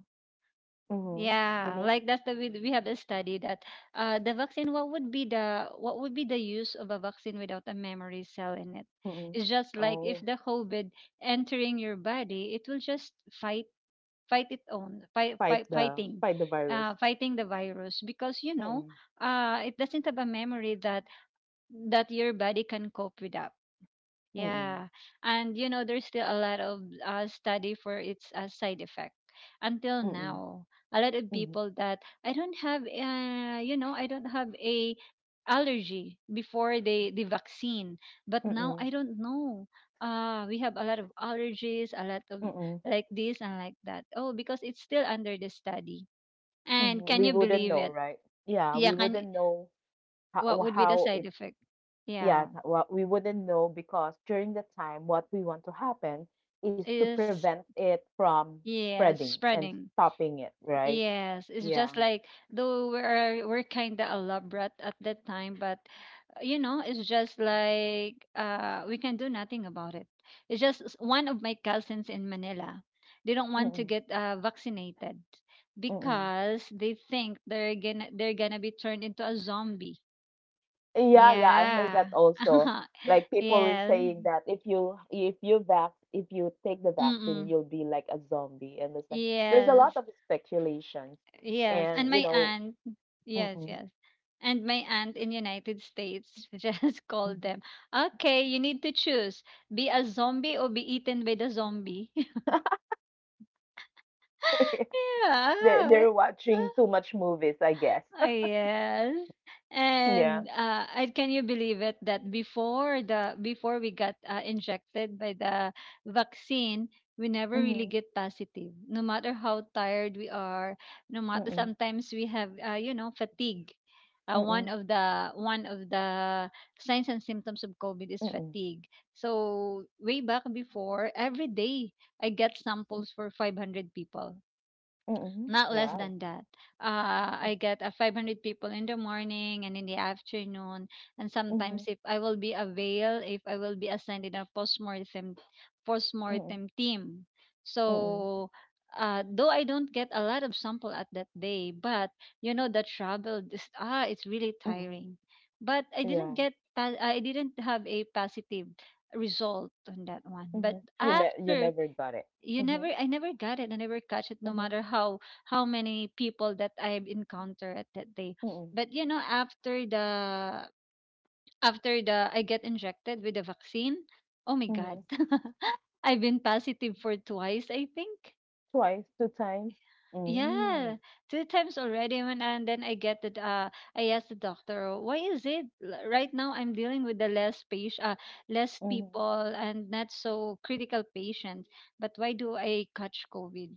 Speaker 1: Mm-hmm.
Speaker 2: Yeah,
Speaker 1: Meaning.
Speaker 2: like that's the we have a study that the vaccine, what would be the use of a vaccine without a memory cell in it?
Speaker 1: Mm-mm.
Speaker 2: It's just like if
Speaker 1: Oh,
Speaker 2: the COVID entering your body, it will just fight fight it on fight, fight fighting
Speaker 1: fight the virus.
Speaker 2: fighting the virus, because you know
Speaker 1: Mm-mm.
Speaker 2: it doesn't have a memory that your body can cope with up.
Speaker 1: Mm-mm.
Speaker 2: Yeah, and you know, there's still a lot of study for its side effect until
Speaker 1: Mm-mm.
Speaker 2: now. A lot of
Speaker 1: Mm-mm.
Speaker 2: people that I don't have a allergy before the vaccine, but now I
Speaker 1: Mm-mm.
Speaker 2: don't know. We have a lot of allergies, a lot of
Speaker 1: Mm-mm.
Speaker 2: like this and like that. Oh, because it's still under the study. And can
Speaker 1: Mm-hmm.
Speaker 2: you
Speaker 1: We
Speaker 2: believe
Speaker 1: wouldn't
Speaker 2: it?
Speaker 1: know, right? Yeah,
Speaker 2: Yeah,
Speaker 1: we
Speaker 2: can you,
Speaker 1: wouldn't know
Speaker 2: what would be the
Speaker 1: how
Speaker 2: side
Speaker 1: it.
Speaker 2: effect? Yeah,
Speaker 1: Yeah, what we wouldn't know because during the time, what we want to happen is to
Speaker 2: is,
Speaker 1: prevent it from
Speaker 2: yes,
Speaker 1: spreading and
Speaker 2: spreading.
Speaker 1: stopping it, right?
Speaker 2: Yes, it's
Speaker 1: Yeah.
Speaker 2: just like, though we're kind of elaborate at that time, but you know, it's just like we can do nothing about it. It's just one of my cousins in Manila. They don't want to
Speaker 1: Mm-mm.
Speaker 2: get vaccinated
Speaker 1: Mm-mm.
Speaker 2: because they think they're gonna be turned into a zombie.
Speaker 1: Yeah, yeah, I heard
Speaker 2: Yeah.
Speaker 1: that also. Like people were
Speaker 2: Yes.
Speaker 1: saying that if you vac if you take the vaccine,
Speaker 2: Mm-mm.
Speaker 1: you'll be like a zombie, and it's like there's a lot
Speaker 2: Yes.
Speaker 1: of speculations,
Speaker 2: Yes, and
Speaker 1: and
Speaker 2: my aunt, yes,
Speaker 1: mm-mm,
Speaker 2: yes. And my aunt in United States just called
Speaker 1: mm-hmm.
Speaker 2: them, "Okay, you need to choose. Be a zombie or be eaten by the zombie." Yeah.
Speaker 1: They're watching too
Speaker 2: ah,
Speaker 1: much movies, I guess.
Speaker 2: Oh, yes.
Speaker 1: Yeah.
Speaker 2: And Uh, I can you believe it that before we got injected by the vaccine, we never really
Speaker 1: Mm-hmm.
Speaker 2: get positive. No matter how tired we are, no matter
Speaker 1: Mm-mm.
Speaker 2: sometimes we have fatigue.
Speaker 1: Mm-mm.
Speaker 2: One of the signs and symptoms of COVID is
Speaker 1: Mm-mm.
Speaker 2: fatigue. So way back before, every day I get samples for 500 people.
Speaker 1: Mm-mm.
Speaker 2: Not less
Speaker 1: Wow.
Speaker 2: than that. I get 500 people in the morning and in the afternoon. And
Speaker 1: Mm-hmm.
Speaker 2: sometimes, if I will be available, if I will be assigned in a postmortem,
Speaker 1: Mm-mm.
Speaker 2: postmortem team.
Speaker 1: Mm-mm.
Speaker 2: So, though I don't get a lot of sample at that day, but you know, the travel, this, it's really
Speaker 1: Mm-mm.
Speaker 2: tiring. But
Speaker 1: Yeah.
Speaker 2: I didn't have a positive result on that one.
Speaker 1: Mm-hmm.
Speaker 2: But
Speaker 1: You
Speaker 2: after,
Speaker 1: never got it.
Speaker 2: you
Speaker 1: Mm-hmm.
Speaker 2: never I never got it, I never catch it, no
Speaker 1: Mm-hmm.
Speaker 2: matter how many people that I encounter at that day.
Speaker 1: Mm-mm.
Speaker 2: But you know, after the I get injected with the vaccine, oh my god.
Speaker 1: Mm-hmm.
Speaker 2: I've been positive for twice, I think.
Speaker 1: Twice, 2 times?
Speaker 2: Yeah,
Speaker 1: Mm.
Speaker 2: 2 times already, when and then I get the I asked the doctor, why is it right now I'm dealing with the less patient, less
Speaker 1: Mhm,
Speaker 2: people, and not so critical patients. But why do I catch COVID?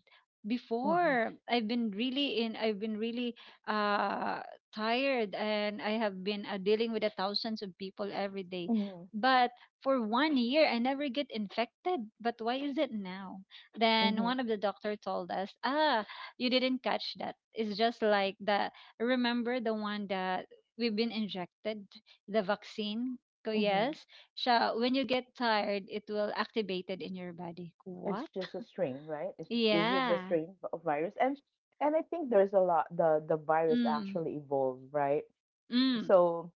Speaker 1: mhm,
Speaker 2: Before I've been really I've been really uh tired, and I have been dealing with the thousands of people every day.
Speaker 1: mhm,
Speaker 2: But for one year, I never get infected. But why is it now? Then one
Speaker 1: mhm,
Speaker 2: of the doctor told us, you didn't catch that. It's just like the remember the one that we've been injected the vaccine. So
Speaker 1: mhm.
Speaker 2: yes, siya, when you get tired, it will activate it in your body.
Speaker 1: It's
Speaker 2: What?
Speaker 1: just a strain, right? Is it the
Speaker 2: Yeah.
Speaker 1: strain of virus? And I think there's a lot the virus
Speaker 2: Mm.
Speaker 1: actually evolved, right?
Speaker 2: Mm.
Speaker 1: So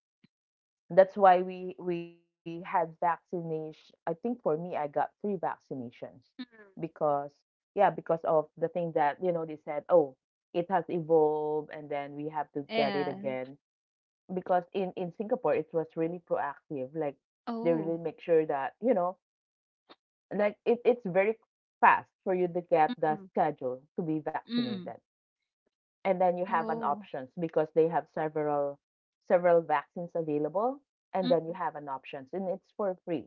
Speaker 1: that's why we had vaccination. I think for me, I got 3 vaccinations
Speaker 2: Mm.
Speaker 1: because yeah, because of the thing that they said, oh, it has evolved, and then we have to get it
Speaker 2: Yeah.
Speaker 1: again. Because in Singapore, it was really proactive. Like they
Speaker 2: Oh.
Speaker 1: really make sure that like it's very fast for you to get the
Speaker 2: Mm-mm.
Speaker 1: schedule to be
Speaker 2: Mm.
Speaker 1: vaccinated, and then you have an
Speaker 2: Oh.
Speaker 1: options because they have several vaccines available, and then you
Speaker 2: Mm.
Speaker 1: have an options, and it's for free.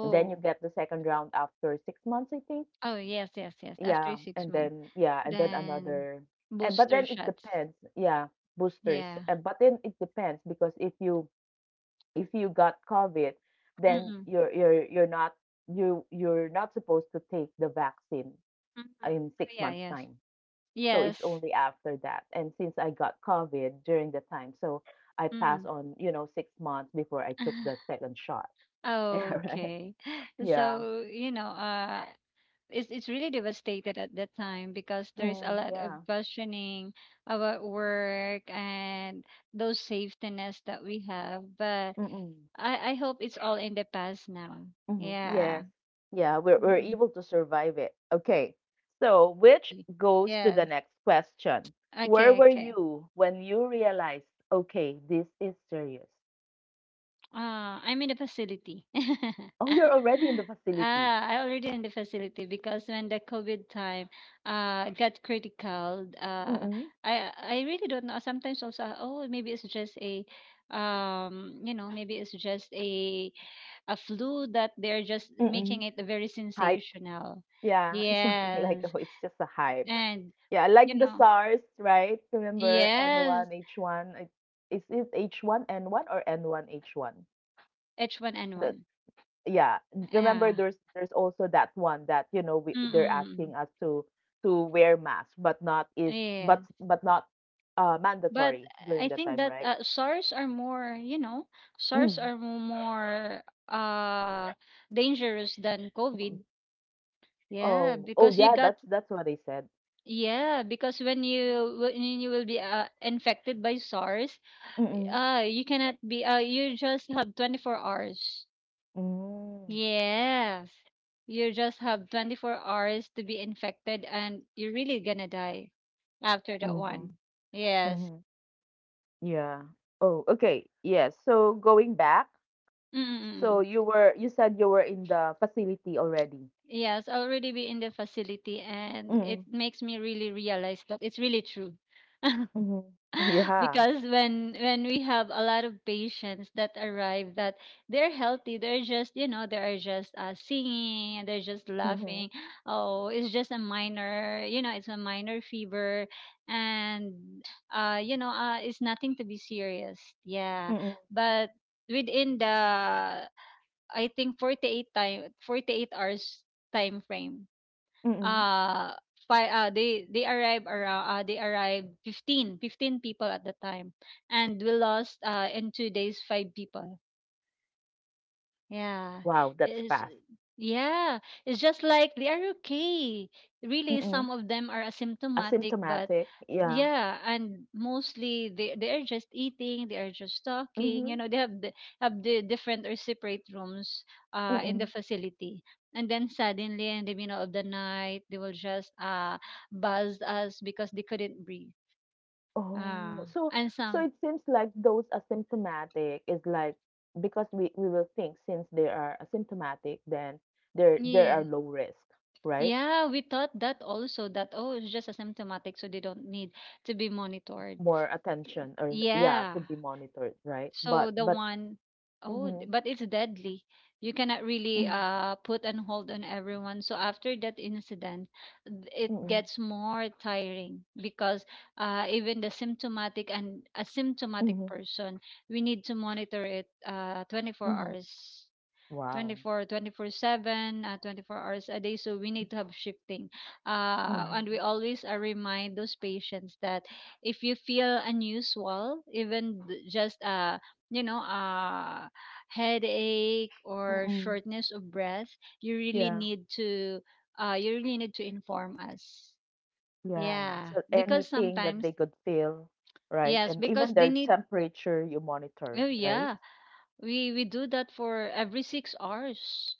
Speaker 1: And then you get the second round after 6 months, I think.
Speaker 2: Oh yes, yes, yes. After six months,
Speaker 1: Yeah, and then
Speaker 2: then
Speaker 1: another, and but
Speaker 2: booster
Speaker 1: then it
Speaker 2: shots.
Speaker 1: depends. Yeah, boosters,
Speaker 2: Yeah.
Speaker 1: and but then it depends because if you got COVID, then
Speaker 2: Mm.
Speaker 1: you're not supposed to take the vaccine
Speaker 2: Mm-mm.
Speaker 1: in
Speaker 2: Oh
Speaker 1: six
Speaker 2: yeah.
Speaker 1: months
Speaker 2: Yes.
Speaker 1: time. So
Speaker 2: Yes.
Speaker 1: it's only after that. And since I got COVID during the time, so I passed
Speaker 2: Mm.
Speaker 1: on 6 months before I took the second shot. Yeah, right.
Speaker 2: Okay.
Speaker 1: Yeah.
Speaker 2: So, you know, it's really devastated at that time because there's a
Speaker 1: Mm,
Speaker 2: lot of
Speaker 1: yeah.
Speaker 2: questioning about work and those safety nets that we have. But
Speaker 1: Mm-mm.
Speaker 2: I hope it's all in the past now.
Speaker 1: Mhm.
Speaker 2: Yeah.
Speaker 1: Yes. Yeah, we're
Speaker 2: Mhm.
Speaker 1: able to survive it. Okay. So, which
Speaker 2: Okay.
Speaker 1: goes to the
Speaker 2: Yes.
Speaker 1: next question. Where
Speaker 2: Okay,
Speaker 1: were
Speaker 2: okay.
Speaker 1: you when you realized, okay, this is serious?
Speaker 2: I'm in the facility.
Speaker 1: Oh, you're already in the facility.
Speaker 2: I already in the facility because when the COVID time got critical, uh
Speaker 1: Mm-mm.
Speaker 2: I I really don't know. Sometimes also, oh, maybe it's just a, you know, maybe it's just a flu that they're just making
Speaker 1: Mm-mm.
Speaker 2: it very
Speaker 1: Hype.
Speaker 2: sensational.
Speaker 1: Yeah, something like,
Speaker 2: Yes.
Speaker 1: oh, it's just a hype.
Speaker 2: And
Speaker 1: Yeah,
Speaker 2: you
Speaker 1: like the
Speaker 2: know,
Speaker 1: SARS, right? Remember
Speaker 2: yes,
Speaker 1: N1, H1? Is it H1N1 or N1H1?
Speaker 2: H1N1.
Speaker 1: Yeah, remember
Speaker 2: Yeah.
Speaker 1: there's also that one that they're asking
Speaker 2: Mm-mm-mm.
Speaker 1: us to wear mask but not is
Speaker 2: Yeah.
Speaker 1: but not
Speaker 2: But
Speaker 1: mandatory during
Speaker 2: I
Speaker 1: that
Speaker 2: think
Speaker 1: time,
Speaker 2: that
Speaker 1: right?
Speaker 2: SARS are more,
Speaker 1: Mm.
Speaker 2: more uh dangerous than
Speaker 1: Mm.
Speaker 2: COVID. Yeah,
Speaker 1: Oh, oh
Speaker 2: because you
Speaker 1: yeah,
Speaker 2: got,
Speaker 1: that's what they said.
Speaker 2: yeah, because when you will be infected by SARS,
Speaker 1: Mm-mm.
Speaker 2: you cannot be you just have 24 hours.
Speaker 1: Mm.
Speaker 2: Yes. You just have 24 hours to be infected and you're really gonna die after that
Speaker 1: Mm-hmm.
Speaker 2: one. Yes.
Speaker 1: Mm-hmm. Yeah. Oh, okay, yes, so going back, so
Speaker 2: Mm-mm.
Speaker 1: you were, you said you were in the facility already.
Speaker 2: Yes, already be in the facility, and
Speaker 1: Mm.
Speaker 2: it makes me really realize that it's really true.
Speaker 1: Mm-hmm. Yeah.
Speaker 2: Because when we have a lot of patients that arrive, that they're healthy, they're just, you know, they're just singing and they're just
Speaker 1: Mm-hmm.
Speaker 2: laughing. Oh, it's just a minor, it's a minor fever, and it's nothing to be serious, yeah.
Speaker 1: Mm-mm.
Speaker 2: But within the, I think, 48 hours time frame.
Speaker 1: Mm-mm.
Speaker 2: Uh they arrived around they arrived 15, 15 people at the time, and we lost in 2 days five people. Yeah.
Speaker 1: Wow, that's
Speaker 2: It's,
Speaker 1: fast.
Speaker 2: yeah. It's just like they are okay. Really, some of them are asymptomatic, but
Speaker 1: Asymptomatic, yeah.
Speaker 2: yeah, and mostly they are just eating, they are just talking. You
Speaker 1: Mhm,
Speaker 2: know, they have the different or separate rooms in the
Speaker 1: mm.
Speaker 2: facility. And then suddenly in the middle of the night they will just buzz us because they couldn't breathe.
Speaker 1: Oh,
Speaker 2: Uh
Speaker 1: so
Speaker 2: and
Speaker 1: so
Speaker 2: some,
Speaker 1: it seems like those asymptomatic is like because we will think since they are asymptomatic, then they
Speaker 2: yeah.
Speaker 1: are low risk, right?
Speaker 2: Yeah, we thought that also that, oh, it's just asymptomatic, so they don't need to be monitored.
Speaker 1: More attention or yeah,
Speaker 2: Yeah.
Speaker 1: to be monitored, right?
Speaker 2: So the
Speaker 1: But
Speaker 2: one,
Speaker 1: mhm,
Speaker 2: but it's deadly. You cannot really
Speaker 1: mhm,
Speaker 2: put and hold on everyone. So after that incident, it
Speaker 1: mhm,
Speaker 2: gets more tiring because even the symptomatic and asymptomatic
Speaker 1: mhm,
Speaker 2: person, we need to monitor it 24
Speaker 1: mhm.
Speaker 2: hours. Twenty
Speaker 1: Wow.
Speaker 2: four 7 24 hours a day, so we need to have shifting, and
Speaker 1: Mhm.
Speaker 2: we always remind those patients that if you feel unusual, even th- just you know headache or
Speaker 1: Mm-mm.
Speaker 2: shortness of breath, you really
Speaker 1: Yeah,
Speaker 2: need to inform us,
Speaker 1: yeah.
Speaker 2: yeah,
Speaker 1: So
Speaker 2: because
Speaker 1: anything that
Speaker 2: sometimes,
Speaker 1: they could feel, right?
Speaker 2: yes,
Speaker 1: And
Speaker 2: because
Speaker 1: even
Speaker 2: they
Speaker 1: their
Speaker 2: need,
Speaker 1: temperature you
Speaker 2: oh
Speaker 1: monitor,
Speaker 2: yeah,
Speaker 1: right?
Speaker 2: we do that for every 6 hours,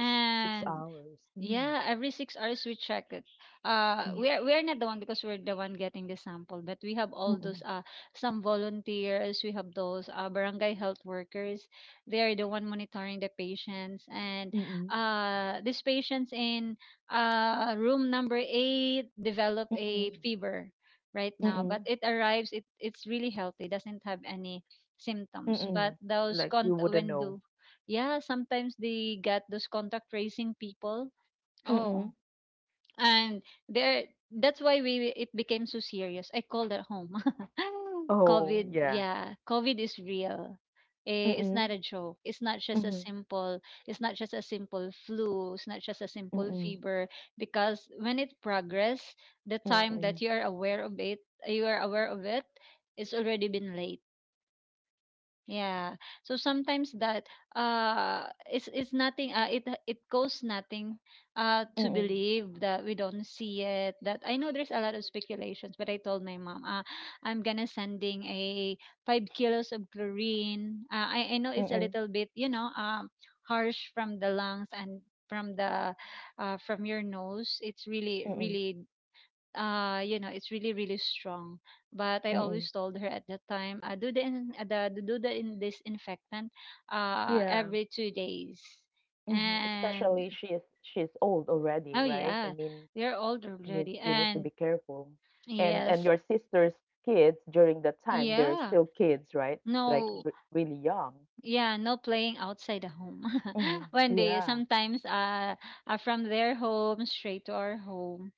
Speaker 1: 6 6 hours. Mm.
Speaker 2: yeah, every 6 hours we check it.
Speaker 1: Mm.
Speaker 2: We are, not the one because we're the one getting the sample, but we have all those some volunteers. We have those barangay health workers. They are the one monitoring the patients, and
Speaker 1: Mm-mm.
Speaker 2: these patients in room number eight develop a
Speaker 1: Mm-mm.
Speaker 2: fever right
Speaker 1: Mm-mm.
Speaker 2: now, but
Speaker 1: Mm-mm.
Speaker 2: it arrives. It's really healthy. Doesn't have any symptoms, but
Speaker 1: Mm-mm.
Speaker 2: those
Speaker 1: Like,
Speaker 2: con
Speaker 1: you wouldn't
Speaker 2: when do.
Speaker 1: know.
Speaker 2: Yeah, sometimes they get those contact tracing people. Oh,
Speaker 1: Mm-mm.
Speaker 2: and there that's why we it became so serious. I called it home.
Speaker 1: Oh,
Speaker 2: COVID,
Speaker 1: yeah.
Speaker 2: yeah, COVID is real. Eh, it's not
Speaker 1: Mm-mm.
Speaker 2: a joke. It's not just a
Speaker 1: Mm-hmm.
Speaker 2: simple. It's not just a simple flu. It's not just a simple
Speaker 1: Mm-mm.
Speaker 2: fever. Because when it progress, the time
Speaker 1: Mm-mm.
Speaker 2: that you are aware of it, you are aware of it, it's already been late. Yeah. So sometimes that it's nothing it it costs nothing to
Speaker 1: Mm-mm.
Speaker 2: believe that we don't see it. That I know there's a lot of speculations, but I told my mom, I'm gonna sending a 5 kilos of chlorine. I know it's a
Speaker 1: Mm-mm.
Speaker 2: little bit, you know, harsh from the lungs and from the from your nose. It's really,
Speaker 1: Mm-mm.
Speaker 2: really you know it's really really strong but I
Speaker 1: Mm-mm.
Speaker 2: always told her at that time I do the do the in disinfectant
Speaker 1: Yeah.
Speaker 2: every 2 days
Speaker 1: Mm-hmm.
Speaker 2: and
Speaker 1: Especially she is, she is old already,
Speaker 2: oh
Speaker 1: right? I
Speaker 2: yeah
Speaker 1: mean,
Speaker 2: we're old
Speaker 1: you,
Speaker 2: already
Speaker 1: you need to be
Speaker 2: and
Speaker 1: careful. And
Speaker 2: yes
Speaker 1: your sister's kids during that time, they're
Speaker 2: yeah
Speaker 1: still kids, right? Like
Speaker 2: no
Speaker 1: re really young.
Speaker 2: yeah no playing outside the home.
Speaker 1: Mm-hmm.
Speaker 2: When they
Speaker 1: Yeah.
Speaker 2: sometimes are from their home straight to our home,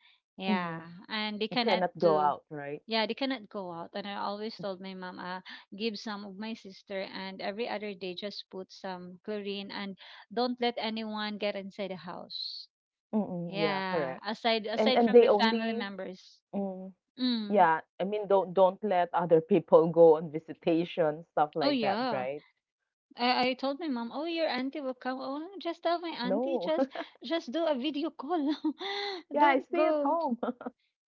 Speaker 1: Mm-hmm.
Speaker 2: yeah, and they cannot
Speaker 1: Cannot go
Speaker 2: do.
Speaker 1: out, right?
Speaker 2: Yeah, they cannot go out. And I always told my mom, give some of my sister, and every other day just put some chlorine and don't let anyone get inside the house.
Speaker 1: Mm, yeah,
Speaker 2: Yeah,
Speaker 1: correct.
Speaker 2: aside aside
Speaker 1: And
Speaker 2: from
Speaker 1: they
Speaker 2: the family
Speaker 1: only
Speaker 2: members.
Speaker 1: mm,
Speaker 2: Mm.
Speaker 1: yeah, I mean don't let other people go on visitation, stuff
Speaker 2: Oh
Speaker 1: like that,
Speaker 2: yeah.
Speaker 1: right?
Speaker 2: I told my mom, oh your auntie will come. Oh, just tell my auntie,
Speaker 1: No.
Speaker 2: just just do a video call.
Speaker 1: Yeah, I
Speaker 2: Don't
Speaker 1: stay at
Speaker 2: go.
Speaker 1: home,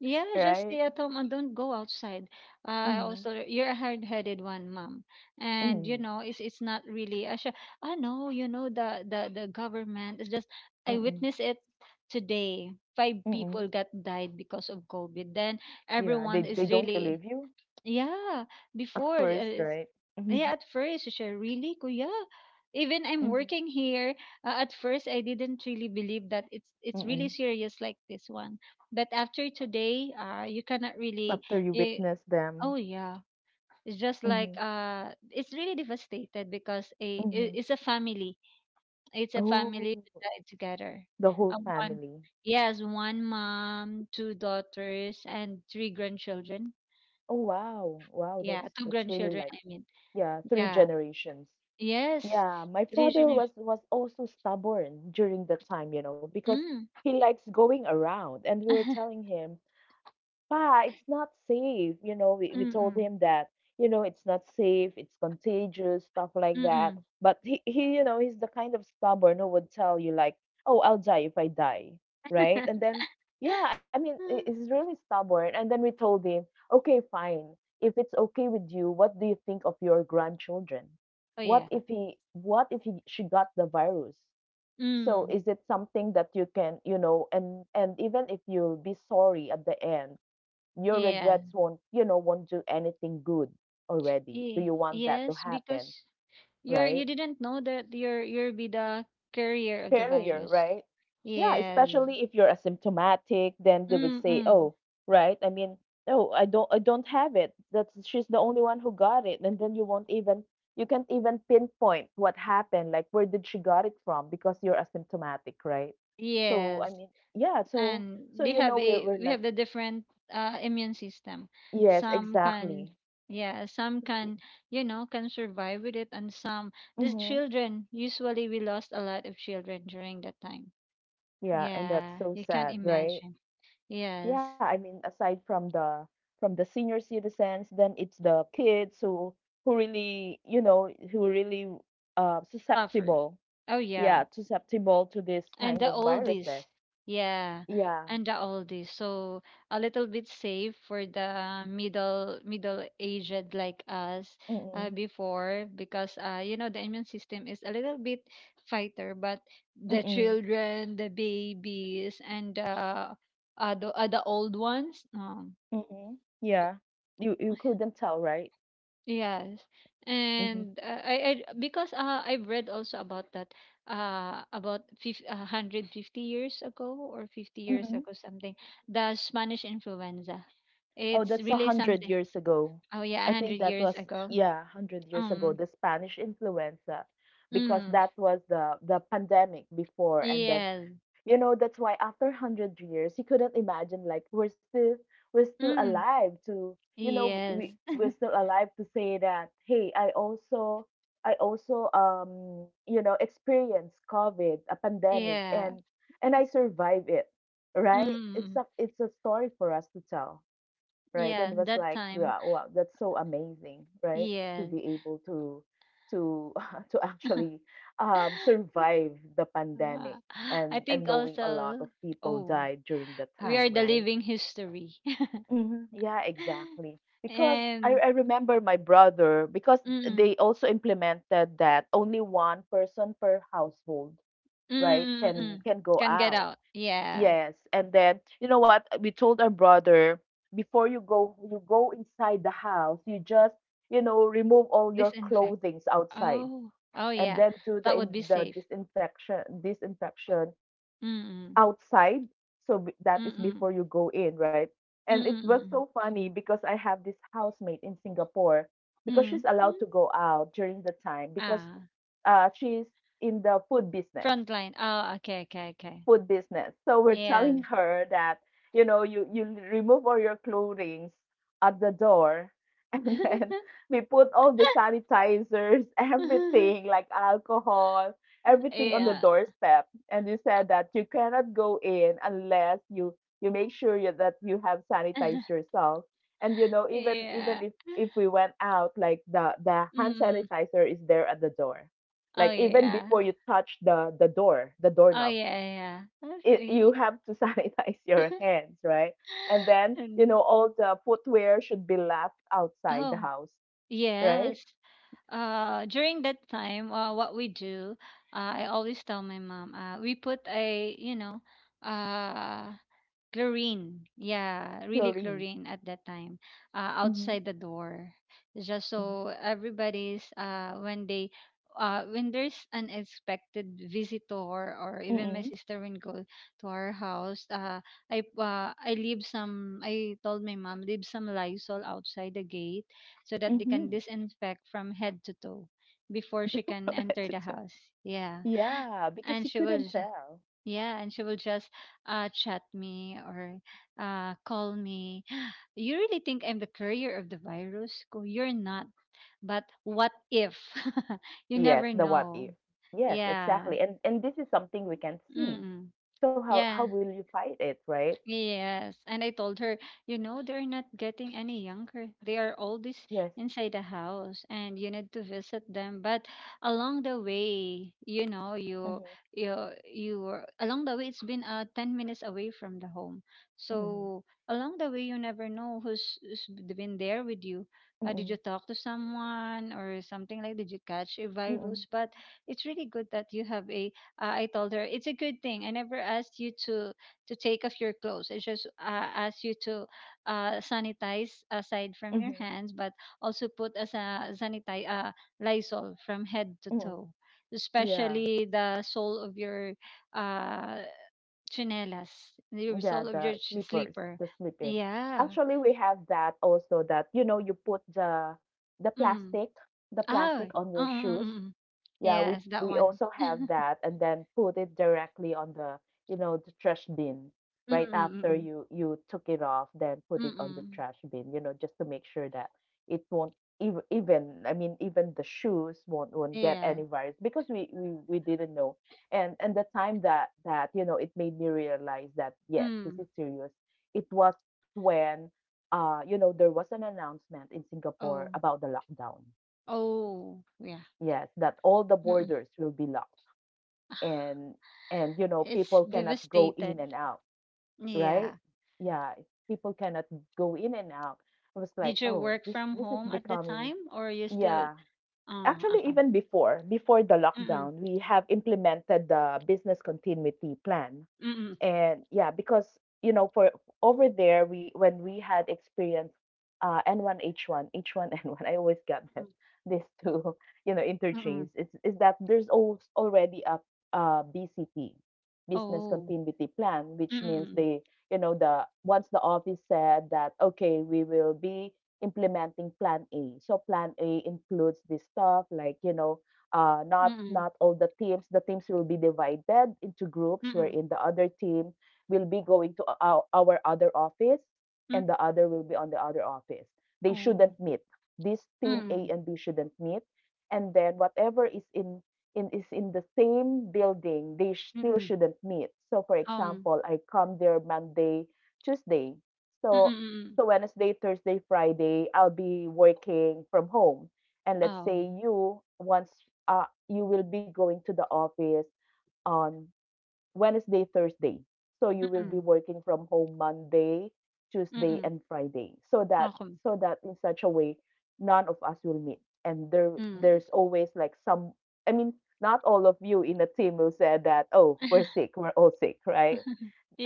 Speaker 2: Yeah, just stay
Speaker 1: right?
Speaker 2: at home and don't go outside. I
Speaker 1: Mm-hmm.
Speaker 2: also, you're a hard-headed one, mom, and you
Speaker 1: Mm-hmm.
Speaker 2: know it's not really. I know, you know the government is just. I
Speaker 1: Mm-mm.
Speaker 2: witnessed it today. Five people
Speaker 1: Mm-mm.
Speaker 2: got died because of COVID. Then
Speaker 1: Yeah,
Speaker 2: everyone
Speaker 1: they
Speaker 2: is
Speaker 1: don't
Speaker 2: really,
Speaker 1: believe you
Speaker 2: yeah,
Speaker 1: at
Speaker 2: before
Speaker 1: first,
Speaker 2: it's-
Speaker 1: right? Mm-hmm.
Speaker 2: yeah, at first, she said, really, kuya? Even I'm
Speaker 1: Mm-hmm.
Speaker 2: working here. At first, I didn't really believe that it's really
Speaker 1: Mm-mm.
Speaker 2: serious like this one. But after today, you cannot really.
Speaker 1: After you
Speaker 2: Eh,
Speaker 1: witness them.
Speaker 2: oh yeah, it's just like
Speaker 1: Mm-hmm.
Speaker 2: it's really devastated because a I-
Speaker 1: Mm-hmm.
Speaker 2: it's a family. It's a family
Speaker 1: Oh,
Speaker 2: that died together.
Speaker 1: the whole
Speaker 2: One,
Speaker 1: family.
Speaker 2: yes, one mom, two daughters, and three grandchildren.
Speaker 1: Oh wow. Wow,
Speaker 2: Yeah, two
Speaker 1: that's really
Speaker 2: grandchildren.
Speaker 1: like
Speaker 2: I mean.
Speaker 1: yeah, three
Speaker 2: Yeah.
Speaker 1: generations.
Speaker 2: Yes.
Speaker 1: Yeah, my father
Speaker 2: Traditional.
Speaker 1: was also stubborn during the time, you know, because
Speaker 2: Mm.
Speaker 1: he likes going around and we were telling him, Pa, it's not safe. You know, we told
Speaker 2: Mm-mm.
Speaker 1: him that, you know, it's not safe, it's contagious, stuff like that.
Speaker 2: Mm-mm.
Speaker 1: But he, you know, he's the kind of stubborn who would tell you, like, oh, I'll die if I die, right? And then, yeah, I mean, he's really stubborn. And then we told him, okay, fine. If it's okay with you, what do you think of your grandchildren?
Speaker 2: Oh yeah.
Speaker 1: What if he, she got the virus? So
Speaker 2: Mm.
Speaker 1: is it something that you can, you know, and even if you'll be sorry at the end, your
Speaker 2: Yeah.
Speaker 1: regrets won't, you know, won't do anything good already. Do you want that to
Speaker 2: Yes,
Speaker 1: happen?
Speaker 2: because you're
Speaker 1: Right?
Speaker 2: you didn't know that you're you'll be the carrier of the
Speaker 1: Failure,
Speaker 2: virus.
Speaker 1: right? Yeah,
Speaker 2: Yes.
Speaker 1: especially if you're asymptomatic, then they would say,
Speaker 2: Mm-mm.
Speaker 1: Oh, right? I mean, oh, I don't, I don't have it. That's she's the only one who got it. And then you won't even you can't even pinpoint what happened, like where did she got it from because you're asymptomatic, right? So I
Speaker 2: Yes.
Speaker 1: mean, yeah, so
Speaker 2: And
Speaker 1: so
Speaker 2: they
Speaker 1: you know
Speaker 2: have a
Speaker 1: we're
Speaker 2: we
Speaker 1: like,
Speaker 2: have the different immune system,
Speaker 1: yes,
Speaker 2: some can,
Speaker 1: exactly.
Speaker 2: yeah some can, you know can survive with it, and some, these
Speaker 1: Mm-hmm.
Speaker 2: children, usually we lost a lot of children during that time.
Speaker 1: Yeah, and that's
Speaker 2: Yeah,
Speaker 1: so
Speaker 2: you can't
Speaker 1: sad, right?
Speaker 2: imagine. Yes.
Speaker 1: Yeah, I mean, aside from the senior citizens, then it's the kids who really, you know, who really
Speaker 2: Suffered.
Speaker 1: susceptible.
Speaker 2: Oh yeah.
Speaker 1: Yeah, susceptible to this
Speaker 2: And
Speaker 1: kind
Speaker 2: the
Speaker 1: of
Speaker 2: oldies,
Speaker 1: viruses.
Speaker 2: yeah,
Speaker 1: Yeah.
Speaker 2: and the oldies. So a little bit safe for the middle aged like us. Uh,
Speaker 1: Mm-mm.
Speaker 2: before because you know the immune system is a little bit fighter, but the
Speaker 1: Mm-mm.
Speaker 2: children, the babies, and the old ones, no.
Speaker 1: Mm-mm. Yeah. You couldn't tell, right?
Speaker 2: Yes.
Speaker 1: Mm-hmm.
Speaker 2: And I because I've read also about that a 150 years ago or 50 years
Speaker 1: Mm-mm.
Speaker 2: ago, something, the Spanish influenza.
Speaker 1: Oh,
Speaker 2: It's
Speaker 1: that's a
Speaker 2: really
Speaker 1: hundred
Speaker 2: something.
Speaker 1: years ago.
Speaker 2: Oh yeah,
Speaker 1: I think
Speaker 2: 100
Speaker 1: that
Speaker 2: years
Speaker 1: was
Speaker 2: ago.
Speaker 1: yeah, 100 years ago,
Speaker 2: Um
Speaker 1: the Spanish influenza, because
Speaker 2: mm,
Speaker 1: that was the pandemic before, and then
Speaker 2: yes.
Speaker 1: that's why after 100 years, you couldn't imagine like we're still
Speaker 2: Mm,
Speaker 1: alive to you know we
Speaker 2: yes.
Speaker 1: we're still alive to say that hey, I also experienced COVID, a pandemic,
Speaker 2: Yeah.
Speaker 1: and I survived it, right?
Speaker 2: Mm,
Speaker 1: It's a story for us to tell right and
Speaker 2: yeah,
Speaker 1: was
Speaker 2: that
Speaker 1: like
Speaker 2: time.
Speaker 1: yeah wow that's so amazing, right? To
Speaker 2: Yes.
Speaker 1: be able to to actually survive the pandemic
Speaker 2: Uh, I
Speaker 1: and
Speaker 2: think
Speaker 1: knowing a lot
Speaker 2: also,
Speaker 1: of people
Speaker 2: oh,
Speaker 1: died during that
Speaker 2: we
Speaker 1: time,
Speaker 2: are the
Speaker 1: right?
Speaker 2: living history.
Speaker 1: Mm-hmm. Yeah, exactly. Because
Speaker 2: And
Speaker 1: I remember my brother, because
Speaker 2: mm,
Speaker 1: they also implemented that only one person per household,
Speaker 2: mm,
Speaker 1: right,
Speaker 2: mm, mm.
Speaker 1: can go
Speaker 2: Can get
Speaker 1: out.
Speaker 2: out. Yeah.
Speaker 1: Yes, and then you know what? We told our brother before you go, you go inside the house, you just you know remove all your
Speaker 2: Disinfect.
Speaker 1: clothings outside,
Speaker 2: Oh. Oh
Speaker 1: and
Speaker 2: yeah.
Speaker 1: then do the
Speaker 2: That would be
Speaker 1: the
Speaker 2: safe.
Speaker 1: disinfection
Speaker 2: Mm, mm,
Speaker 1: outside. So that is
Speaker 2: mm,
Speaker 1: before you go in, right?
Speaker 2: mm,
Speaker 1: And it was
Speaker 2: mm, mm,
Speaker 1: so
Speaker 2: mm,
Speaker 1: funny because I have this housemate in Singapore because she's
Speaker 2: mm.
Speaker 1: allowed to
Speaker 2: Mm.
Speaker 1: go out during the time because
Speaker 2: Ah.
Speaker 1: she's in the
Speaker 2: Front line. Oh, okay, okay, okay.
Speaker 1: food business. So we're telling
Speaker 2: Yes.
Speaker 1: her that, you know, you remove all your clothing at the door. And then we put all the sanitizers, everything like alcohol, everything on the
Speaker 2: Yeah.
Speaker 1: doorstep. And we said that you cannot go in unless you, you make sure you, that you have sanitized yourself. And you know, even
Speaker 2: Yeah.
Speaker 1: even if we went out, like the
Speaker 2: Mm,
Speaker 1: hand
Speaker 2: mm.
Speaker 1: sanitizer is there at the door
Speaker 2: Oh
Speaker 1: like even before
Speaker 2: yeah.
Speaker 1: you touch the
Speaker 2: Oh
Speaker 1: doorknob
Speaker 2: yeah, yeah.
Speaker 1: it, you
Speaker 2: That's-
Speaker 1: have to sanitize your hands, right? And then, you
Speaker 2: And-
Speaker 1: know, all the footwear should be left outside the
Speaker 2: Oh,
Speaker 1: house, right?
Speaker 2: yes. Uh, during that time, what we do, I always tell my mom, we put a, you know, uh, chlorine, yeah really
Speaker 1: Chlorine.
Speaker 2: chlorine at that time,
Speaker 1: Mm-hmm.
Speaker 2: outside the door, just so everybody's when they when there's unexpected visitor, or even my
Speaker 1: Mm-hmm.
Speaker 2: sister when go to our house, I leave some, I told my mom leave some lysol outside the gate so that they can
Speaker 1: Mm-hmm.
Speaker 2: disinfect from head to toe before she can enter the house. Yeah,
Speaker 1: Yeah,
Speaker 2: and
Speaker 1: because you
Speaker 2: she will,
Speaker 1: couldn't tell.
Speaker 2: yeah, and she will just chat me or call me. You really think I'm the courier of the virus? Go, you're not. But what if? You
Speaker 1: Yes,
Speaker 2: never
Speaker 1: the what
Speaker 2: know.
Speaker 1: if. Yes,
Speaker 2: Yeah.
Speaker 1: exactly. And this is something we can see.
Speaker 2: Mm-mm.
Speaker 1: So how
Speaker 2: Yeah.
Speaker 1: will you fight it, right?
Speaker 2: Yes. And I told her, you know, they're not getting any younger. They are always
Speaker 1: Yes.
Speaker 2: inside the house and you need to visit them. But along the way, you know, you
Speaker 1: Mm-hmm.
Speaker 2: you you were along the way, it's been 10 minutes away from the home.
Speaker 1: Mm-hmm.
Speaker 2: So along the way you never know who's been there with you. Did
Speaker 1: Mm-hmm.
Speaker 2: you talk to someone or something like did you catch a
Speaker 1: Mm-hmm.
Speaker 2: virus? But it's really good that you have a I told her it's a good thing. I never asked you to take off your clothes. It just asks you to sanitize aside from your hands, but also put as a sanitize Lysol from head to
Speaker 1: Mm-hmm.
Speaker 2: toe,
Speaker 1: Yeah.
Speaker 2: especially the sole of your uh, chinelas, the
Speaker 1: Yeah,
Speaker 2: sole of your
Speaker 1: the sleepers,
Speaker 2: sleeper.
Speaker 1: the sleep-ins.
Speaker 2: Yeah.
Speaker 1: Actually, we have that also that you know you put the the
Speaker 2: Mm.
Speaker 1: plastic, the
Speaker 2: Oh.
Speaker 1: plastic on your shoes
Speaker 2: Mm-mm-mm.
Speaker 1: yeah,
Speaker 2: Yes, that
Speaker 1: we
Speaker 2: one.
Speaker 1: also have that and then put it directly on the, you know, the trash bin right after
Speaker 2: Mm-mm-mm.
Speaker 1: you you took it off, then put it on the
Speaker 2: Mm-mm.
Speaker 1: trash bin, you know, just to make sure that it won't even even I mean even the shoes won't get
Speaker 2: Yeah.
Speaker 1: any virus because we didn't know. And the time that that you know it made me realize that yes, this
Speaker 2: Mm.
Speaker 1: is serious. It was when you know there was an announcement in Singapore
Speaker 2: Oh.
Speaker 1: about the lockdown.
Speaker 2: Oh. Yeah.
Speaker 1: Yes, that all the
Speaker 2: Mm-mm.
Speaker 1: borders will be locked, and and you know,
Speaker 2: It's
Speaker 1: people cannot go in and
Speaker 2: devastated.
Speaker 1: out, right,
Speaker 2: Yeah.
Speaker 1: yeah, people cannot go in and out. I was like,
Speaker 2: Did you
Speaker 1: oh,
Speaker 2: work
Speaker 1: this
Speaker 2: from
Speaker 1: this is
Speaker 2: home at the
Speaker 1: becoming.
Speaker 2: time or you still
Speaker 1: Yeah,
Speaker 2: ah,
Speaker 1: actually,
Speaker 2: ako.
Speaker 1: even before the
Speaker 2: Mm,
Speaker 1: lockdown we have implemented the business continuity plan,
Speaker 2: mm,
Speaker 1: and yeah, because you know, for over there, we when we had experienced N1H1 H1N1 I always got
Speaker 2: mm,
Speaker 1: that, these two you know,
Speaker 2: mm.
Speaker 1: interchange. It's is that there's already a BCP, business
Speaker 2: Oh.
Speaker 1: continuity plan, which means
Speaker 2: Mm,
Speaker 1: they, you know, the once the office said that, okay, we will be implementing plan A, so plan A includes this stuff like, you know, not
Speaker 2: mm,
Speaker 1: not all the teams, the teams will be divided into groups,
Speaker 2: mm,
Speaker 1: wherein the other team will be going to our other office, and the
Speaker 2: mm.
Speaker 1: other will be on the other office. They shouldn't
Speaker 2: Oh.
Speaker 1: meet. This team A
Speaker 2: Mm,
Speaker 1: and B shouldn't meet. And then whatever is in is in the same building, they still
Speaker 2: mm.
Speaker 1: shouldn't meet. So for
Speaker 2: Um.
Speaker 1: example, I come there Monday, Tuesday,
Speaker 2: Mm,
Speaker 1: so
Speaker 2: mm.
Speaker 1: Wednesday, Thursday, Friday I'll be working from home. And let's
Speaker 2: Oh.
Speaker 1: say you once, you will be going to the office on Wednesday, Thursday. So you will be
Speaker 2: Mm,
Speaker 1: working from home Monday, Tuesday,
Speaker 2: mm.
Speaker 1: and Friday. So that
Speaker 2: Ako.
Speaker 1: in such a way, none of us will meet. And
Speaker 2: Mm.
Speaker 1: there's always like some. I mean, not all of you in the team will say that, oh, we're sick, we're all sick, right?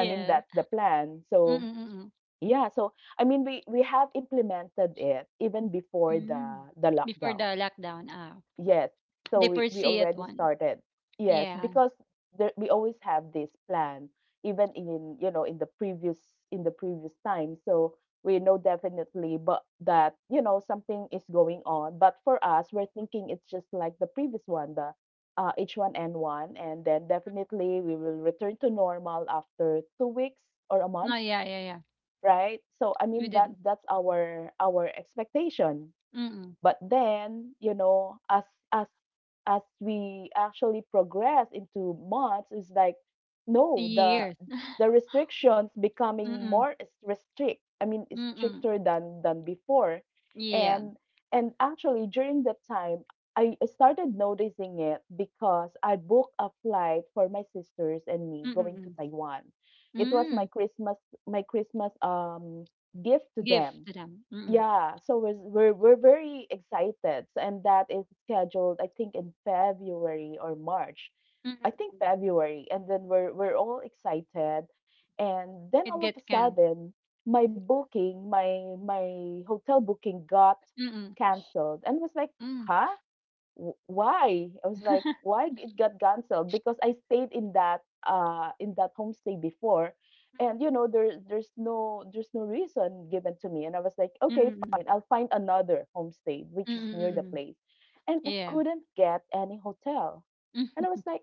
Speaker 1: I mean, that's the plan. So
Speaker 2: Mm,
Speaker 1: yeah. So I mean, we have implemented it even before
Speaker 2: mm.
Speaker 1: the
Speaker 2: Before
Speaker 1: lockdown.
Speaker 2: the lockdown, ah,
Speaker 1: Yes. So
Speaker 2: the
Speaker 1: we
Speaker 2: foresee it
Speaker 1: already
Speaker 2: one.
Speaker 1: started. Yes,
Speaker 2: Yeah.
Speaker 1: because there, we always have this plan, even in, you know, in the previous time. So we know definitely, but that, you know, something is going on. But for us, we're thinking it's just like the previous one, the H1N1, and then definitely we will return to normal after 2 weeks or a
Speaker 2: No,
Speaker 1: month,
Speaker 2: yeah, yeah, yeah.
Speaker 1: right? So I mean
Speaker 2: We didn't.
Speaker 1: that's our expectation.
Speaker 2: Mm.
Speaker 1: But then, you know, as as as we actually progress into months, it's like, no,
Speaker 2: Years.
Speaker 1: the restrictions becoming
Speaker 2: Mm,
Speaker 1: more restrict. I mean, it's
Speaker 2: mm.
Speaker 1: stricter than before,
Speaker 2: Yeah.
Speaker 1: and actually during that time, I started noticing it because I booked a flight for my sisters and me
Speaker 2: Mm,
Speaker 1: going to
Speaker 2: mm.
Speaker 1: Taiwan. It was
Speaker 2: Hmm,
Speaker 1: my Christmas gift to
Speaker 2: gift
Speaker 1: them.
Speaker 2: to them. Mm,
Speaker 1: Yeah, so we're very excited, and that is scheduled, I think, in February or March.
Speaker 2: mm,
Speaker 1: I think
Speaker 2: mm.
Speaker 1: February, and then we're all excited, and then all
Speaker 2: It
Speaker 1: of a
Speaker 2: get can.
Speaker 1: sudden, my booking, my hotel booking got
Speaker 2: Mm,
Speaker 1: canceled, and was like,
Speaker 2: mm.
Speaker 1: huh? Why? I was like, why it got canceled? Because I stayed in that homestay before, and you know, there's no reason given to me, and I was like, okay, fine,
Speaker 2: Mm,
Speaker 1: I'll find another homestay which
Speaker 2: mm,
Speaker 1: is near
Speaker 2: mm,
Speaker 1: the
Speaker 2: mm.
Speaker 1: place, and I
Speaker 2: Yeah.
Speaker 1: couldn't get any hotel, and I
Speaker 2: Mm,
Speaker 1: was like,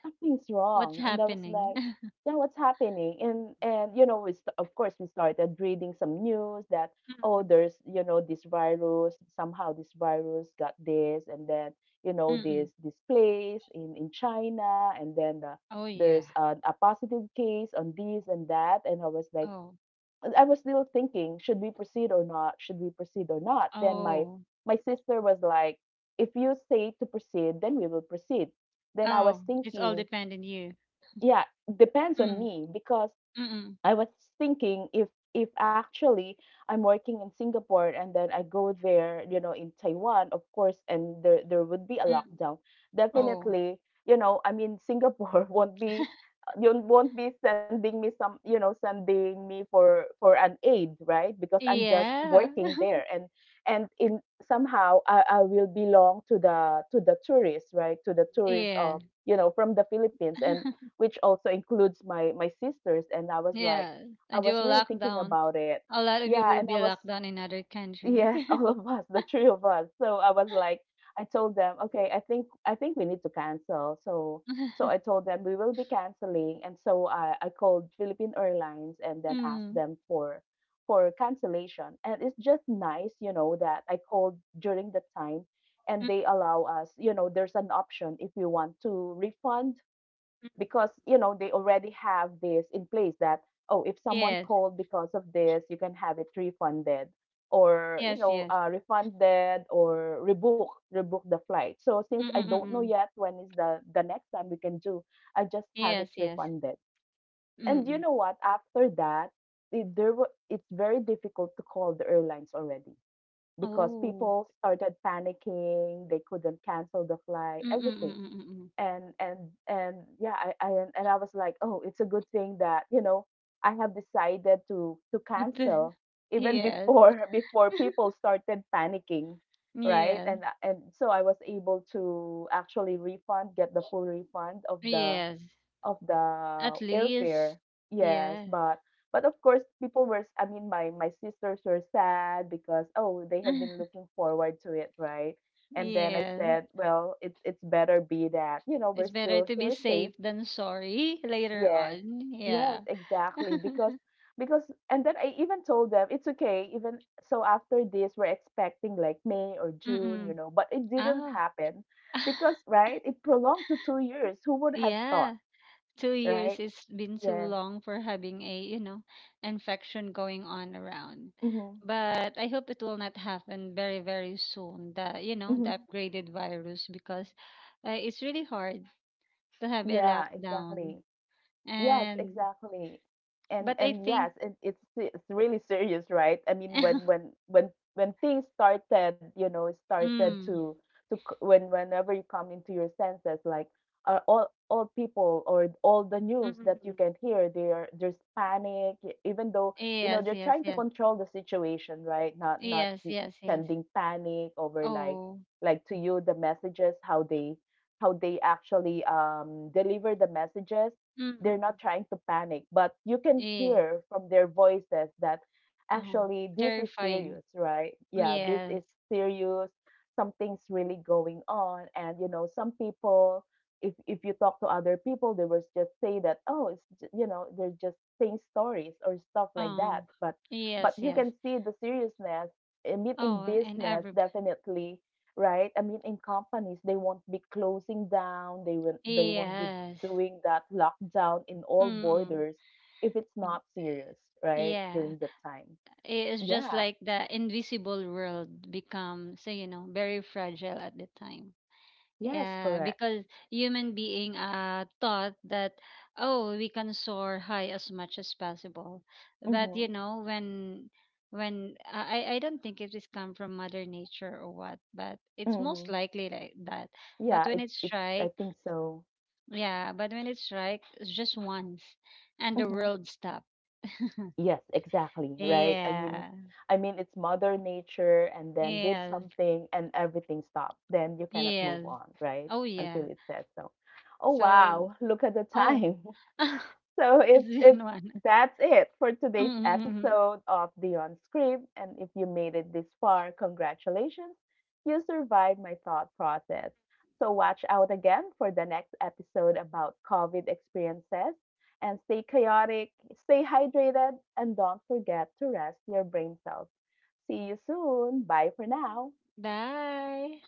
Speaker 1: something's
Speaker 2: what's
Speaker 1: wrong, and I was
Speaker 2: happening?
Speaker 1: like, yeah, what's happening? And you know, of course we started reading some news that, oh,
Speaker 2: Mm,
Speaker 1: there's, you know, this virus, somehow this virus got this, and then, you
Speaker 2: mm,
Speaker 1: know,
Speaker 2: mm.
Speaker 1: this place in China, and then
Speaker 2: Oh yeah.
Speaker 1: there's a positive case on this and that, and I was like,
Speaker 2: Oh.
Speaker 1: I was still thinking, should we proceed or not, should we proceed or not, then my
Speaker 2: Oh.
Speaker 1: sister was like, if you say to proceed then we will proceed. Then I was
Speaker 2: Oh. It's all
Speaker 1: thinking,
Speaker 2: depend on you.
Speaker 1: yeah, depends on
Speaker 2: Mm,
Speaker 1: me, because
Speaker 2: mm,
Speaker 1: I was thinking if actually I'm working in Singapore and then I go there, you know, in Taiwan, of course, and there would be a
Speaker 2: mm.
Speaker 1: lockdown.
Speaker 2: Oh.
Speaker 1: Definitely, you know, I mean, Singapore won't be, you won't be sending me some, you know, sending me for an aid, right? Because I'm just
Speaker 2: Yeah.
Speaker 1: working there, and in somehow, I will belong to the tourists, right? To the tourists
Speaker 2: Yeah.
Speaker 1: of, you know, from the Philippines, and which also includes my sisters, and I was like,
Speaker 2: Yeah.
Speaker 1: I
Speaker 2: And you
Speaker 1: was
Speaker 2: will
Speaker 1: really
Speaker 2: lock
Speaker 1: thinking
Speaker 2: down.
Speaker 1: about it.
Speaker 2: A lot of you
Speaker 1: Yeah,
Speaker 2: will
Speaker 1: and I
Speaker 2: be
Speaker 1: was,
Speaker 2: locked down in other country.
Speaker 1: yes, all of us, the three of us. So I was like, I told them, okay, I think we need to cancel. So so
Speaker 2: Mm.
Speaker 1: I told them we will be canceling. And so I called Philippine Airlines and then asked
Speaker 2: Mm,
Speaker 1: them for cancellation. And it's just nice, you know, that I called during the time, and
Speaker 2: mm,
Speaker 1: they allow us, you know, there's an option if you want to refund,
Speaker 2: mm.
Speaker 1: because you know, they already have this in place that, oh, if someone
Speaker 2: Yes.
Speaker 1: called because of this, you can have it refunded, or, you
Speaker 2: Yes.
Speaker 1: know,
Speaker 2: Yes.
Speaker 1: refunded or rebook the flight. So since I
Speaker 2: Mm,
Speaker 1: don't know
Speaker 2: mm.
Speaker 1: yet when is the next time we can do, I just have it
Speaker 2: Yes, yes.
Speaker 1: refunded. And you know
Speaker 2: Mm.
Speaker 1: what, after that it, there were, it's very difficult to call the airlines already, because
Speaker 2: Oh.
Speaker 1: people started panicking, they couldn't cancel the flight,
Speaker 2: Mm, mm,
Speaker 1: everything.
Speaker 2: mm, mm,
Speaker 1: And and and yeah, I and I was like, oh, it's a good thing that, you know, I have decided to
Speaker 2: mm.
Speaker 1: cancel, even
Speaker 2: Yes.
Speaker 1: before before people started panicking, right, and
Speaker 2: Yes.
Speaker 1: and so I was able to actually refund, get the full refund of the
Speaker 2: Yes. At
Speaker 1: airfare.
Speaker 2: least.
Speaker 1: Yes,
Speaker 2: Yeah.
Speaker 1: but of course people were I mean, my sisters were sad because, oh, they have been looking forward to it, right? And then I
Speaker 2: Yeah.
Speaker 1: said, well, it's better be that, you know, we're
Speaker 2: It's better
Speaker 1: still
Speaker 2: to be
Speaker 1: here safe.
Speaker 2: safe than sorry later
Speaker 1: Yes.
Speaker 2: on.
Speaker 1: Yes,
Speaker 2: Yeah.
Speaker 1: exactly, because and then I even told them it's okay. Even so, after this we're expecting like May or June, you
Speaker 2: Mm-mm.
Speaker 1: know, but it didn't
Speaker 2: Ah.
Speaker 1: happen, because right, it prolonged to 2 years. Who would have thought,
Speaker 2: Yeah. 2 years,
Speaker 1: right?
Speaker 2: it's been too
Speaker 1: Yeah.
Speaker 2: long for having a, you know, infection going on around.
Speaker 1: Mhm.
Speaker 2: But I hope it will not happen very very soon, the, you know, the
Speaker 1: Mhm.
Speaker 2: upgraded virus because it's really hard to have a
Speaker 1: Yeah,
Speaker 2: lockdown
Speaker 1: exactly. Yes,
Speaker 2: and
Speaker 1: exactly. And
Speaker 2: but I
Speaker 1: and
Speaker 2: think.
Speaker 1: yes, and it's really serious, right? I mean, when
Speaker 2: Mm,
Speaker 1: when when when things started, you know, started
Speaker 2: mm,
Speaker 1: to when whenever you come into your senses, like, all people or all the
Speaker 2: mm,
Speaker 1: news that you
Speaker 2: mm.
Speaker 1: can hear, there's panic, even though, you know,
Speaker 2: Yes
Speaker 1: they're
Speaker 2: yes
Speaker 1: trying to
Speaker 2: yes
Speaker 1: control the situation, right? Not
Speaker 2: yes yes yes
Speaker 1: sending panic over, like,
Speaker 2: oh
Speaker 1: to you, the messages, how they actually deliver the messages. They're
Speaker 2: mm-mm.
Speaker 1: not trying to panic, but you can
Speaker 2: Yeah
Speaker 1: hear from their voices that
Speaker 2: oh
Speaker 1: actually this is serious,
Speaker 2: terrifying
Speaker 1: right? Yeah, this is
Speaker 2: yes
Speaker 1: serious. Something's really going on. And, you know, some people, if you talk to other people, they will just say that, oh, it's, you know, they're just saying stories or stuff like
Speaker 2: oh
Speaker 1: that. But,
Speaker 2: yes
Speaker 1: you can
Speaker 2: yes.
Speaker 1: see the seriousness. I mean, in
Speaker 2: Oh, and
Speaker 1: business,
Speaker 2: everybody.
Speaker 1: definitely, right? I mean, in companies, they won't be closing down. They will, they won't be
Speaker 2: Yes.
Speaker 1: doing that lockdown in all
Speaker 2: Mm-mm.
Speaker 1: borders if it's
Speaker 2: Mm,
Speaker 1: not serious, right?
Speaker 2: yeah.
Speaker 1: During that time.
Speaker 2: It's just
Speaker 1: Yeah.
Speaker 2: like the invisible world becomes, so you know, very fragile at the time.
Speaker 1: Yes,
Speaker 2: Yeah,
Speaker 1: correct.
Speaker 2: because human being thought that oh, we can soar high as much as possible. But
Speaker 1: Mm-hmm.
Speaker 2: you know, when I don't think it is come from mother nature or what, but it's
Speaker 1: Mm-hmm.
Speaker 2: most likely like that.
Speaker 1: Yeah,
Speaker 2: But when
Speaker 1: it,
Speaker 2: it
Speaker 1: it I
Speaker 2: strikes,
Speaker 1: think so.
Speaker 2: yeah, but when it strikes just once, and the
Speaker 1: Mm-hmm.
Speaker 2: world stops.
Speaker 1: Yes, exactly, right?
Speaker 2: Yeah.
Speaker 1: I mean, it's mother nature and then did
Speaker 2: Yes.
Speaker 1: something and everything stopped. Then you cannot move
Speaker 2: Yes.
Speaker 1: on, right?
Speaker 2: Oh yeah.
Speaker 1: Until it says so. Oh
Speaker 2: So
Speaker 1: wow, look at the
Speaker 2: oh
Speaker 1: time. So
Speaker 2: it's
Speaker 1: it's
Speaker 2: in one.
Speaker 1: that's it for today's
Speaker 2: Mm-mm-mm.
Speaker 1: episode of Beyond Script. And if you made it this far, congratulations. You survived my thought process. So watch out again for the next episode about COVID experiences, and stay chaotic, stay hydrated, and don't forget to rest your brain cells. See you soon. Bye for now.
Speaker 2: Bye.